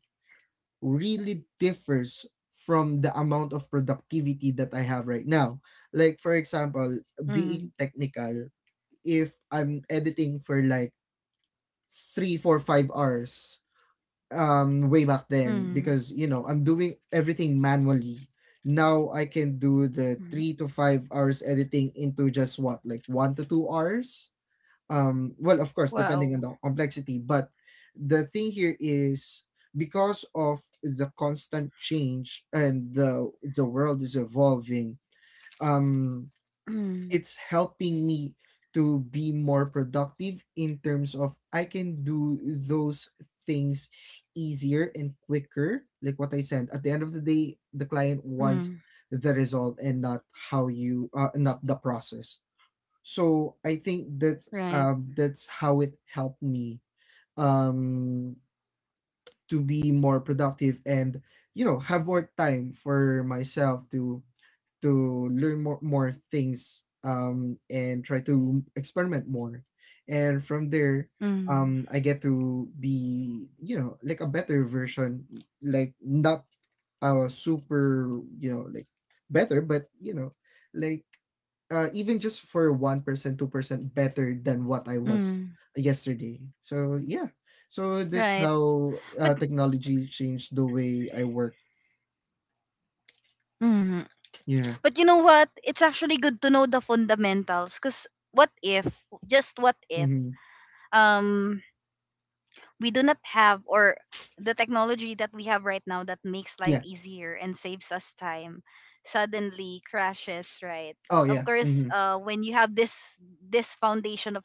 Speaker 2: really differs from the amount of productivity that I have right now. Like, for example,
Speaker 1: Mm,
Speaker 2: being technical, if I'm editing for like three, four, five hours, way back then,
Speaker 1: mm,
Speaker 2: because you know, I'm doing everything manually. Now I can do the
Speaker 1: mm.
Speaker 2: three to five hours editing into just what, like one to two hours? Um, well of course depending on
Speaker 1: Wow.
Speaker 2: the complexity, but the thing here is, because of the constant change and the world is evolving, um
Speaker 1: Mm,
Speaker 2: it's helping me to be more productive in terms of I can do those things easier and quicker. Like what I said, at the end of the day, the client wants
Speaker 1: mm,
Speaker 2: the result and not how you not the process. So I think that's,
Speaker 1: right.
Speaker 2: that's how it helped me, um to be more productive, and you know, have more time for myself to learn more, more things, and try to experiment more. And from there,
Speaker 1: Mm,
Speaker 2: I get to be, you know, like a better version. Like, not a super, you know, like better, but, you know, like even just for 1%, 2% better than what I was
Speaker 1: mm,
Speaker 2: yesterday. So, yeah. So that's
Speaker 1: right.
Speaker 2: how
Speaker 1: But
Speaker 2: technology changed the way I work.
Speaker 1: mm,
Speaker 2: Yeah.
Speaker 1: but you know what? It's actually good to know the fundamentals because, what if? Just what if?
Speaker 2: Mm-hmm.
Speaker 1: Um we do not have, or the technology that we have right now that makes life
Speaker 2: Yeah.
Speaker 1: easier and saves us time suddenly crashes, right?
Speaker 2: Oh,
Speaker 1: Of
Speaker 2: yeah.
Speaker 1: course
Speaker 2: Mm-hmm.
Speaker 1: when you have this foundation of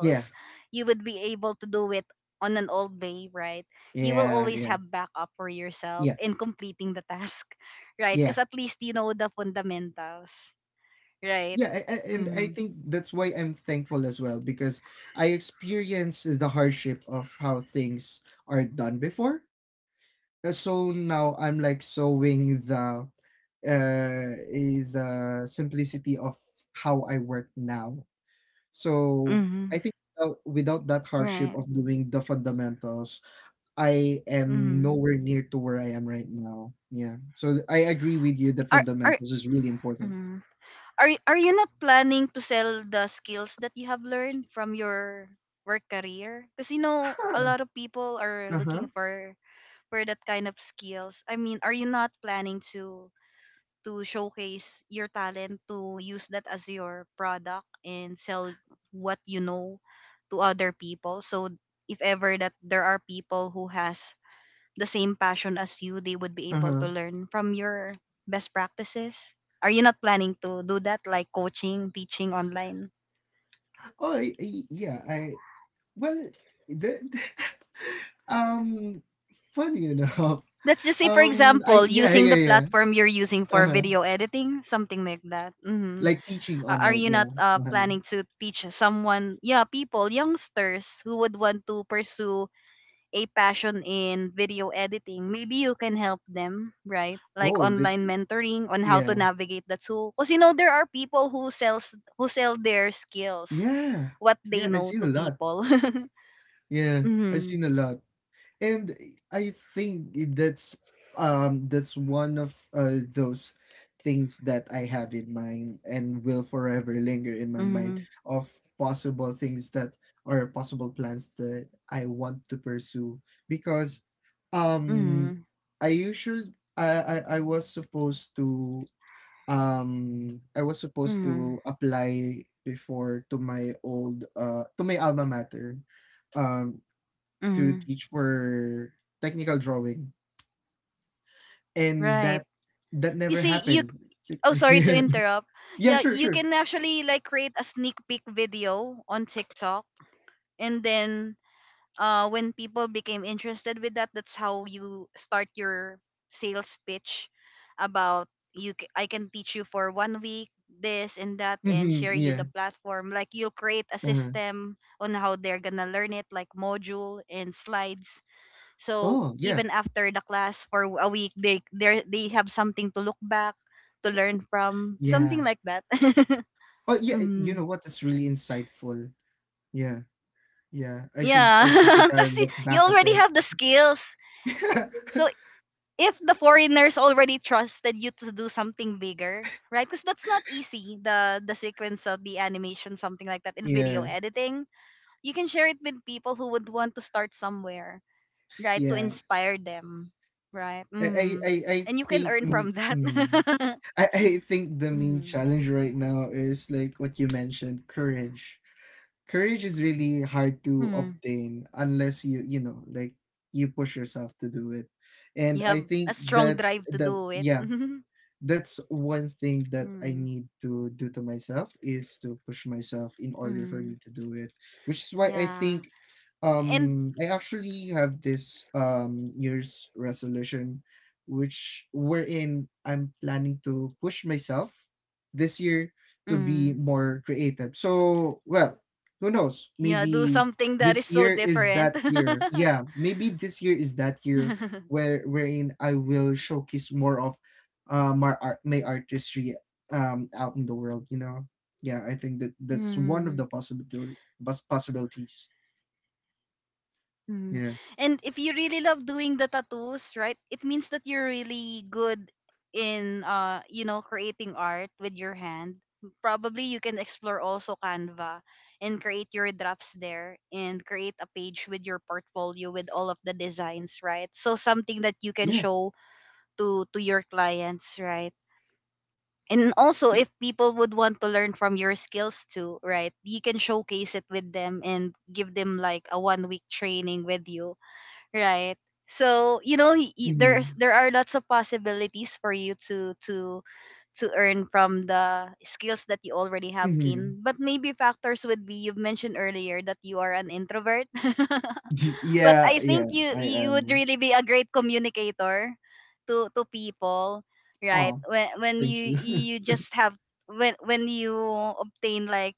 Speaker 2: Yeah,
Speaker 1: you would be able to do it on an old way, right? You will
Speaker 2: yeah,
Speaker 1: always
Speaker 2: yeah,
Speaker 1: have backup for yourself
Speaker 2: yeah,
Speaker 1: in completing the task right,
Speaker 2: yeah,
Speaker 1: because at least you know the fundamentals, right?
Speaker 2: yeah. And I
Speaker 1: Mm-hmm.
Speaker 2: think that's why I'm thankful as well, because I experienced the hardship of how things are done before. So now I'm like sowing the the simplicity of how I work now. So
Speaker 1: Mm-hmm.
Speaker 2: I think without that hardship
Speaker 1: Right.
Speaker 2: of doing the fundamentals, I am
Speaker 1: Mm-hmm.
Speaker 2: nowhere near to where I am right now. Yeah. So I agree with you that
Speaker 1: Are
Speaker 2: fundamentals is really important.
Speaker 1: Mm-hmm. Are you not planning to sell the skills that you have learned from your work career? Because you know a
Speaker 2: Huh.
Speaker 1: lot of people are
Speaker 2: Uh-huh.
Speaker 1: looking for that kind of skills. I mean, are you not planning to showcase your talent, to use that as your product and sell what you know to other people? So if ever that there are people who has the same passion as you, they would be able
Speaker 2: Uh-huh.
Speaker 1: to learn from your best practices? Are you not planning to do that, like coaching, teaching online?
Speaker 2: Oh, yeah. I Well, the, um, funny enough,
Speaker 1: Let's just say, for
Speaker 2: I,
Speaker 1: example,
Speaker 2: yeah,
Speaker 1: using the
Speaker 2: yeah, yeah.
Speaker 1: platform you're using for
Speaker 2: Uh-huh.
Speaker 1: video editing, something like that. Hmm.
Speaker 2: Like teaching
Speaker 1: Are
Speaker 2: online.
Speaker 1: you
Speaker 2: Yeah.
Speaker 1: not
Speaker 2: Uh-huh.
Speaker 1: planning to teach someone, yeah, people, youngsters who would want to pursue a passion in video editing, maybe you can help them, right? Like
Speaker 2: Oh, the,
Speaker 1: online mentoring on how to
Speaker 2: yeah,
Speaker 1: navigate the tool. Because you know there are people who sell their skills,
Speaker 2: yeah,
Speaker 1: what they
Speaker 2: yeah. I've
Speaker 1: know
Speaker 2: seen a
Speaker 1: to
Speaker 2: lot.
Speaker 1: people.
Speaker 2: Yeah, I've
Speaker 1: Hmm.
Speaker 2: seen a lot. And I think that's, that's one of those things that I have in mind and will forever linger in my mind
Speaker 1: Hmm.
Speaker 2: of possible things that, or possible plans that I want to pursue, because um
Speaker 1: Hmm.
Speaker 2: I usually, I was supposed to, I was supposed
Speaker 1: Hmm.
Speaker 2: to apply before to my old to my alma mater, um to
Speaker 1: Hmm.
Speaker 2: teach for technical drawing, and
Speaker 1: Right.
Speaker 2: that
Speaker 1: You
Speaker 2: never
Speaker 1: see, you
Speaker 2: happened. It's
Speaker 1: oh
Speaker 2: like—
Speaker 1: sorry to
Speaker 2: Yeah,
Speaker 1: interrupt.
Speaker 2: yeah,
Speaker 1: Yeah,
Speaker 2: sure,
Speaker 1: you
Speaker 2: sure.
Speaker 1: can actually like create a sneak peek video on TikTok, and then when people became interested with that, that's how you start your sales pitch about you. I can teach you for 1 week this and that, and
Speaker 2: Hmm.
Speaker 1: share you the
Speaker 2: Yeah.
Speaker 1: platform. Like you'll create a
Speaker 2: Uh-huh.
Speaker 1: system on how they're gonna learn it, like module and slides. So
Speaker 2: Oh, yeah,
Speaker 1: even after the class for a week, they have something to look back to learn from,
Speaker 2: yeah.
Speaker 1: something like that.
Speaker 2: Oh, yeah. You know
Speaker 1: Mhm.
Speaker 2: what? It's really insightful. Yeah, yeah.
Speaker 1: Yeah,
Speaker 2: I should take a
Speaker 1: kasi
Speaker 2: look
Speaker 1: you
Speaker 2: back at
Speaker 1: already
Speaker 2: it.
Speaker 1: have the skills. So, if the foreigners already trusted you to do something bigger, right? Because that's not easy. The sequence of the animation, something like that, in video
Speaker 2: Yeah,
Speaker 1: editing, you can share it with people who would want to start somewhere, right? To
Speaker 2: yeah.
Speaker 1: inspire them, right?
Speaker 2: I I
Speaker 1: Mm.
Speaker 2: I I
Speaker 1: And you can
Speaker 2: think,
Speaker 1: earn
Speaker 2: mm,
Speaker 1: from that.
Speaker 2: mm. I think the main
Speaker 1: Mm.
Speaker 2: challenge right now is like what you mentioned, courage. Courage is really hard to
Speaker 1: Mm.
Speaker 2: obtain unless you, you know, like, you push yourself to do it,
Speaker 1: You
Speaker 2: and I
Speaker 1: have
Speaker 2: think
Speaker 1: a strong
Speaker 2: that's
Speaker 1: drive to
Speaker 2: the,
Speaker 1: do it.
Speaker 2: yeah,
Speaker 1: Mm.
Speaker 2: that's one thing that I need to do to myself, is to push myself in order for me
Speaker 1: Mm.
Speaker 2: to do it, which is why I
Speaker 1: Yeah,
Speaker 2: think,
Speaker 1: and
Speaker 2: I actually have this year's resolution, which wherein I'm planning to push myself this year to be
Speaker 1: mm.
Speaker 2: more creative. So, well, who knows?
Speaker 1: Yeah, do
Speaker 2: Maybe
Speaker 1: something that is
Speaker 2: this
Speaker 1: so
Speaker 2: year is
Speaker 1: different.
Speaker 2: that year. Yeah, maybe this year is that year where wherein I will showcase more of, my art, my artistry, out in the world, you know. Yeah, I think that that's one of the
Speaker 1: Mm.
Speaker 2: possibility, possibilities.
Speaker 1: Mhm.
Speaker 2: Yeah,
Speaker 1: And if you really love doing the tattoos, right? It means that you're really good in you know creating art with your hand. Probably you can explore also Canva and create your drafts there, and create a page with your portfolio with all of the designs, right? So something that you can
Speaker 2: yeah,
Speaker 1: show to your clients, right? And also
Speaker 2: y-
Speaker 1: if people would want to learn from your skills too, right? You can showcase it with them and give them like a 1 week training with you, right? So you know there's,
Speaker 2: mhm,
Speaker 1: there are lots of possibilities for you to earn from the skills that you already have
Speaker 2: mhm,
Speaker 1: gained. But maybe factors would be, you've mentioned earlier that you are an introvert but
Speaker 2: Yeah,
Speaker 1: I
Speaker 2: yeah,
Speaker 1: think you,
Speaker 2: I
Speaker 1: you would
Speaker 2: am.
Speaker 1: really be a great communicator to people, right?
Speaker 2: Oh,
Speaker 1: When
Speaker 2: thank
Speaker 1: you,
Speaker 2: you.
Speaker 1: you just have, when you obtain like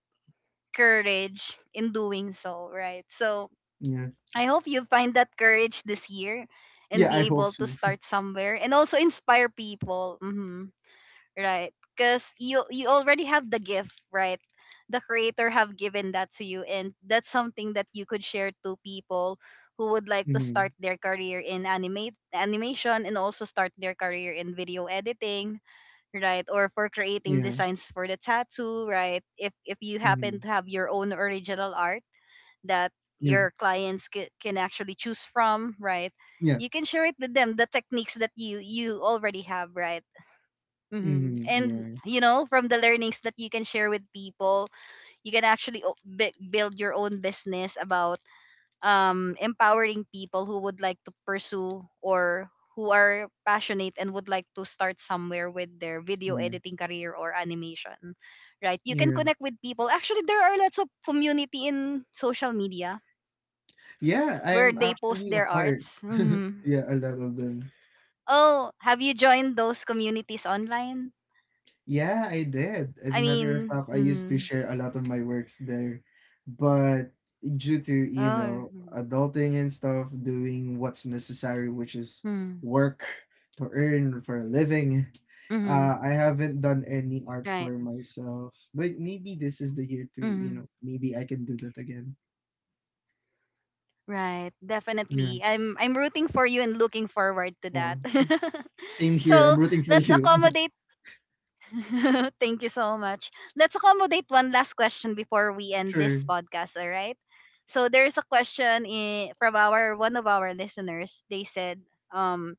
Speaker 1: courage in doing so, right? So
Speaker 2: Yeah.
Speaker 1: I hope you find that courage this year and
Speaker 2: Yeah, I
Speaker 1: be
Speaker 2: hope
Speaker 1: able
Speaker 2: so.
Speaker 1: to start somewhere and also inspire people. Hmm. Right. Because you already have the gift, right? The creator have given that to you, and that's something that you could share to people who would like to
Speaker 2: Mhm,
Speaker 1: start their career in animate animation, and also start their career in video editing, right? Or for creating
Speaker 2: yeah,
Speaker 1: designs for the tattoo, right? If you
Speaker 2: mhm,
Speaker 1: happen to have your own original art that
Speaker 2: yeah,
Speaker 1: your clients can actually choose from, right?
Speaker 2: yeah,
Speaker 1: You can share it with them the techniques that you already have, right? Hmm.
Speaker 2: mhm,
Speaker 1: And
Speaker 2: yeah,
Speaker 1: you know, from the learnings that you can share with people, you can actually build your own business about empowering people who would like to pursue, or who are passionate and would like to start somewhere with their video
Speaker 2: yeah,
Speaker 1: editing career or animation, right? You can
Speaker 2: yeah,
Speaker 1: connect with people. Actually, there are lots of community in social media
Speaker 2: yeah, I
Speaker 1: where
Speaker 2: am
Speaker 1: they post
Speaker 2: actually a
Speaker 1: their
Speaker 2: part.
Speaker 1: arts. Mhm.
Speaker 2: Yeah, a lot of them.
Speaker 1: Oh, have you joined those communities online?
Speaker 2: Yeah, I did. As
Speaker 1: I
Speaker 2: a matter of
Speaker 1: mean,
Speaker 2: fact, I used to
Speaker 1: mhm.
Speaker 2: share a lot of my works there. But due to,
Speaker 1: Oh,
Speaker 2: you know,
Speaker 1: mm-hmm.
Speaker 2: adulting and stuff, doing what's necessary, which is work to earn for a living,
Speaker 1: Mm-hmm.
Speaker 2: I haven't done any art
Speaker 1: Right,
Speaker 2: for myself. But maybe this is the year to, you
Speaker 1: mm-hmm.
Speaker 2: know, maybe I can do that again.
Speaker 1: Right,
Speaker 2: Yeah.
Speaker 1: definitely. I'm rooting for you and looking forward to
Speaker 2: Well,
Speaker 1: that.
Speaker 2: same here.
Speaker 1: So
Speaker 2: I'm rooting for
Speaker 1: let's
Speaker 2: you.
Speaker 1: accommodate. Thank you so much. Let's accommodate one last question before we end this
Speaker 2: Sure.
Speaker 1: podcast. All right. So there is a question from our one of our listeners. They said, um,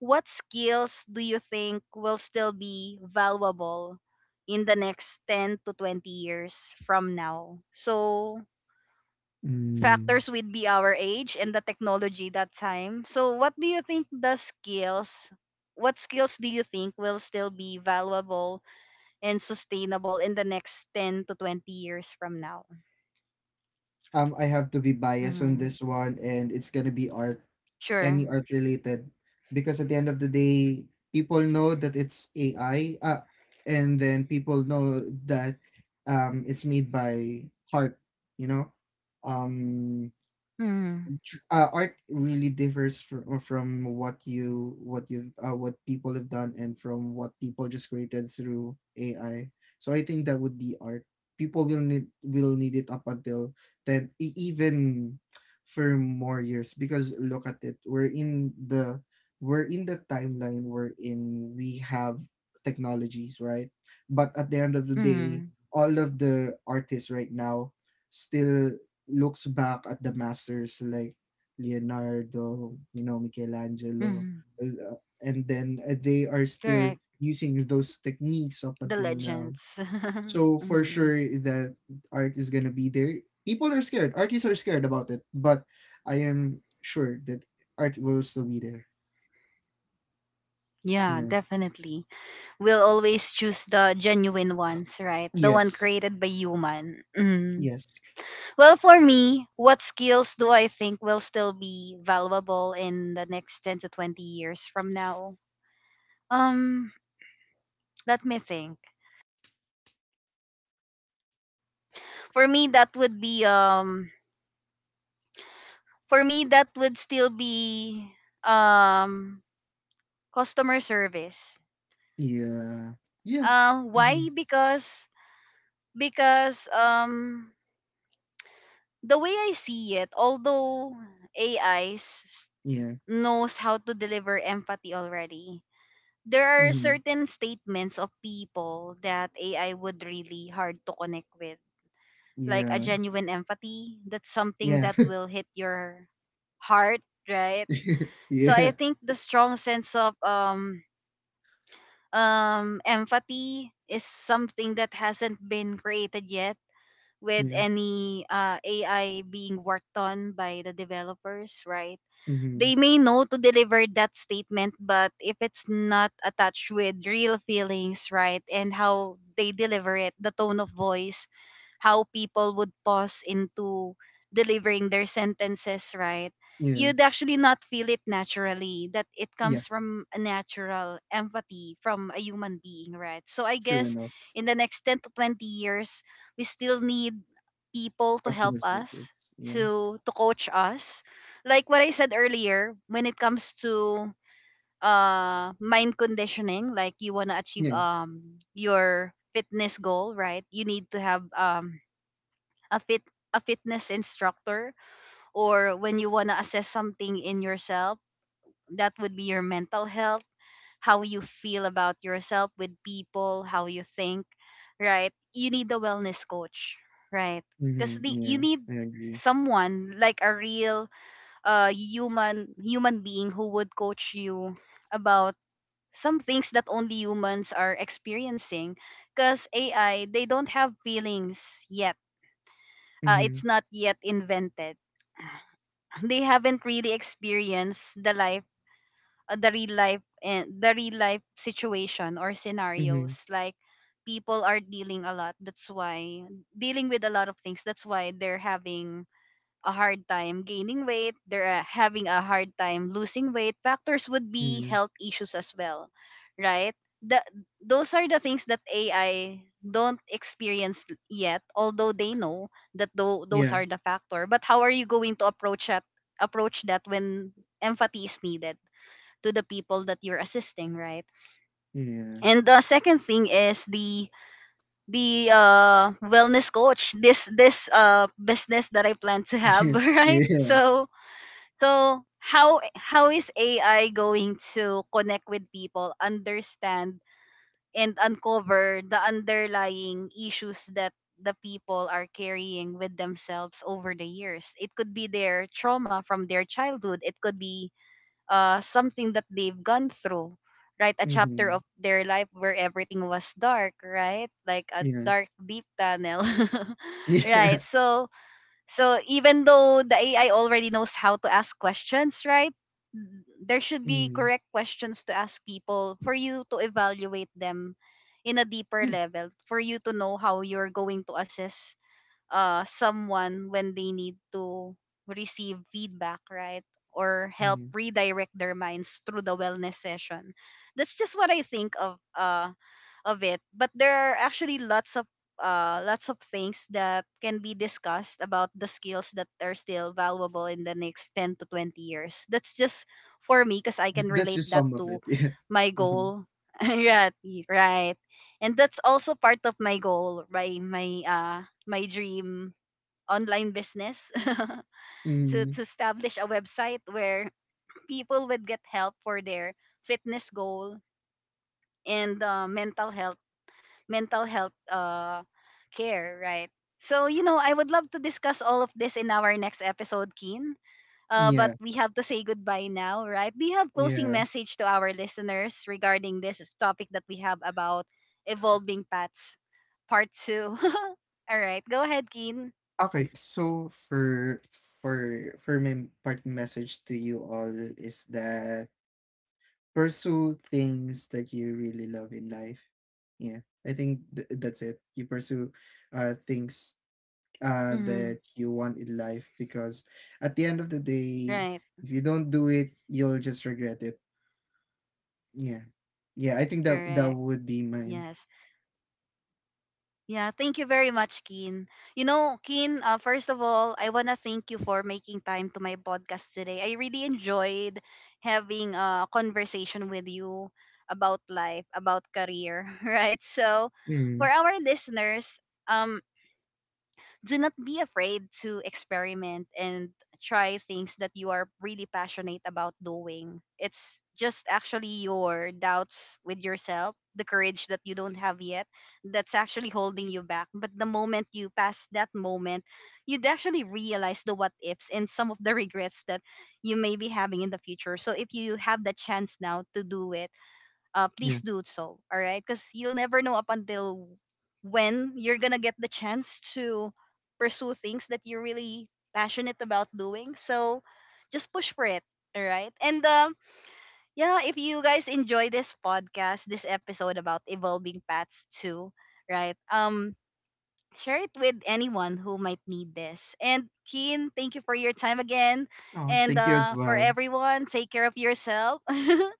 Speaker 1: what skills do you think will still be valuable in the next 10 to 20 years from now? So,
Speaker 2: Mm.
Speaker 1: factors would be our age and the technology that time. So, what do you think the skills, what skills do you think will still be valuable and sustainable in the next 10 to 20 years from now?
Speaker 2: I have to be biased on
Speaker 1: Hmm.
Speaker 2: this one, and it's gonna be art, any
Speaker 1: Sure.
Speaker 2: art related, because at the end of the day, people know that it's AI, and then people know that, it's made by heart, you know. um
Speaker 1: Hmm.
Speaker 2: Art really differs from what you, what people have done, and from what people just created through AI. So I think that would be art. People will need it up until then, even for more years. Because look at it, we're in the, we're in the timeline we're in. We have technologies, right? But at the end of the day,
Speaker 1: Hmm.
Speaker 2: all of the artists right now still looks back at the masters like Leonardo, you know, Michelangelo,
Speaker 1: Hmm.
Speaker 2: uh, and then they are still
Speaker 1: Correct.
Speaker 2: using those techniques up
Speaker 1: The
Speaker 2: until now.
Speaker 1: legends.
Speaker 2: So for
Speaker 1: Hmm.
Speaker 2: sure that art is gonna be there. People are scared. Artists are scared about it, but I am sure that art will still be there.
Speaker 1: Yeah,
Speaker 2: Yeah.
Speaker 1: definitely. We'll always choose the genuine ones, right? The one
Speaker 2: Yes.
Speaker 1: created by human. Mm.
Speaker 2: Yes.
Speaker 1: Well, for me, what skills do I think will still be valuable in the next 10 to 20 years from now? Um, let me think. For me that would be for me that would still be um customer service.
Speaker 2: Yeah. Yeah. Hmm.
Speaker 1: Why? Because the way I see it, although AIs
Speaker 2: Yeah.
Speaker 1: knows how to deliver empathy already. There are
Speaker 2: Hmm.
Speaker 1: certain statements of people that AI would really hard to connect with. Like a
Speaker 2: Yeah.
Speaker 1: genuine empathy, that's something
Speaker 2: Yeah.
Speaker 1: that will hit your heart, right? So I
Speaker 2: yeah.
Speaker 1: think the strong sense of empathy is something that hasn't been created yet with
Speaker 2: Yeah.
Speaker 1: any AI being worked on by the developers, right?
Speaker 2: Hmm.
Speaker 1: They may know to deliver that statement, but if it's not attached with real feelings, right, and how they deliver it, the tone of voice, how people would pause into delivering their sentences, right?
Speaker 2: Yeah.
Speaker 1: You'd actually not feel it naturally, that it
Speaker 2: Yeah.
Speaker 1: comes from a natural empathy from a human being, right? So I
Speaker 2: True
Speaker 1: guess
Speaker 2: enough.
Speaker 1: in the next 10 to 20 years, we still need people to help
Speaker 2: Customer service.
Speaker 1: us,
Speaker 2: Yeah.
Speaker 1: to coach us like what I said earlier, when it comes to mind conditioning, like you wanna achieve
Speaker 2: Yeah.
Speaker 1: your fitness goal, right? You need to have a fit a fitness instructor or when you wanna assess something in yourself, that would be your mental health, how you feel about yourself with people, how you think, right? You need a wellness coach, right? Because
Speaker 2: Mm-hmm. Yeah.
Speaker 1: you need
Speaker 2: I agree.
Speaker 1: someone like a real human being who would coach you about some things that only humans are experiencing because AI they don't have feelings yet,
Speaker 2: Mm-hmm.
Speaker 1: it's not yet invented. They haven't really experienced the life, the real life and the real life situation or
Speaker 2: Mm-hmm.
Speaker 1: scenarios like people are dealing a lot that's why dealing with a lot of things. That's why they're having a hard time gaining weight, they're having a hard time losing weight. Factors would be health issues as well, right? The, those are the things that AI don't experience yet, although they know that those
Speaker 2: Yeah.
Speaker 1: are the factor. But how are you going to approach that? Approach that when empathy is needed to the people that you're assisting, right?
Speaker 2: Yeah.
Speaker 1: And the second thing is the wellness coach, this business that I plan to have.
Speaker 2: Yeah.
Speaker 1: Right,
Speaker 2: Yeah. Yeah.
Speaker 1: so how is AI going to connect with people, understand and uncover the underlying issues that the people are carrying with themselves over the years? It could be their trauma from their childhood. It could be something that they've gone through, right? A chapter
Speaker 2: Mm-hmm.
Speaker 1: of their life where everything was dark, right? Like a
Speaker 2: Yeah.
Speaker 1: dark deep tunnel. Right.
Speaker 2: Yeah.
Speaker 1: So, so even though the AI already knows how to ask questions, right? There should be
Speaker 2: Mm-hmm.
Speaker 1: correct questions to ask people for you to evaluate them in a deeper
Speaker 2: Yeah.
Speaker 1: level, for you to know how you're going to assess someone when they need to receive feedback, right? Or help
Speaker 2: Yeah.
Speaker 1: redirect their minds through the wellness session. That's just what I think of, it. But there are actually lots of, things that can be discussed about the skills that are still valuable in the next 10 to 20 years. That's just for me because I can
Speaker 2: That's
Speaker 1: relate
Speaker 2: just
Speaker 1: that
Speaker 2: some of
Speaker 1: to
Speaker 2: it.
Speaker 1: my
Speaker 2: Yeah. Mm-hmm.
Speaker 1: goal. Right, right. And that's also part of my goal, right? My dream online business to
Speaker 2: Mm-hmm.
Speaker 1: to establish a website where people would get help for their fitness goal and, mental health, mental health uh, care, right? So, you know, I would love to discuss all of this in our next episode, Keen. But
Speaker 2: Yeah.
Speaker 1: we have to say goodbye now, right? Do you have closing
Speaker 2: Yeah.
Speaker 1: message to our listeners regarding this topic that we have about evolving pets, part two? All right, go ahead, Keen.
Speaker 2: Okay. So for for for my part message to you all is that, pursue things that you really love in life. Yeah, I think that's it. You pursue things that
Speaker 1: Hmm.
Speaker 2: you want in life, because at the end of the day,
Speaker 1: Right,
Speaker 2: if you don't do it, you'll just regret it. Yeah. Yeah, I think that that
Speaker 1: correct.
Speaker 2: would be mine.
Speaker 1: Yes. Yeah, thank you very much, Keen. You know, Keen, first of all, I want to thank you for making time to my podcast today. I really enjoyed having a conversation with you about life, about career, right? So, for
Speaker 2: Mm,
Speaker 1: our listeners, um, do not be afraid to experiment and try things that you are really passionate about doing. It's just actually your doubts with yourself, the courage that you don't have yet, that's actually holding you back. But the moment you pass that moment, you'd actually realize the what ifs and some of the regrets that you may be having in the future. So if you have the chance now to do it,
Speaker 2: yeah.
Speaker 1: please do so. All right, because you'll never know up until when you're gonna get the chance to pursue things that you're really passionate about doing. So just push for it. All right, and yeah, if you guys enjoy this podcast, this episode about evolving paths too, right? Share it with anyone who might need this. And Keen, thank you for your time again.
Speaker 2: Oh,
Speaker 1: And
Speaker 2: thank you as
Speaker 1: for
Speaker 2: well.
Speaker 1: everyone, take care of yourself.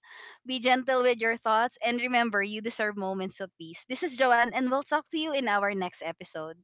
Speaker 1: Be gentle with your thoughts. And remember, you deserve moments of peace. This is Joanne, and we'll talk to you in our next episode.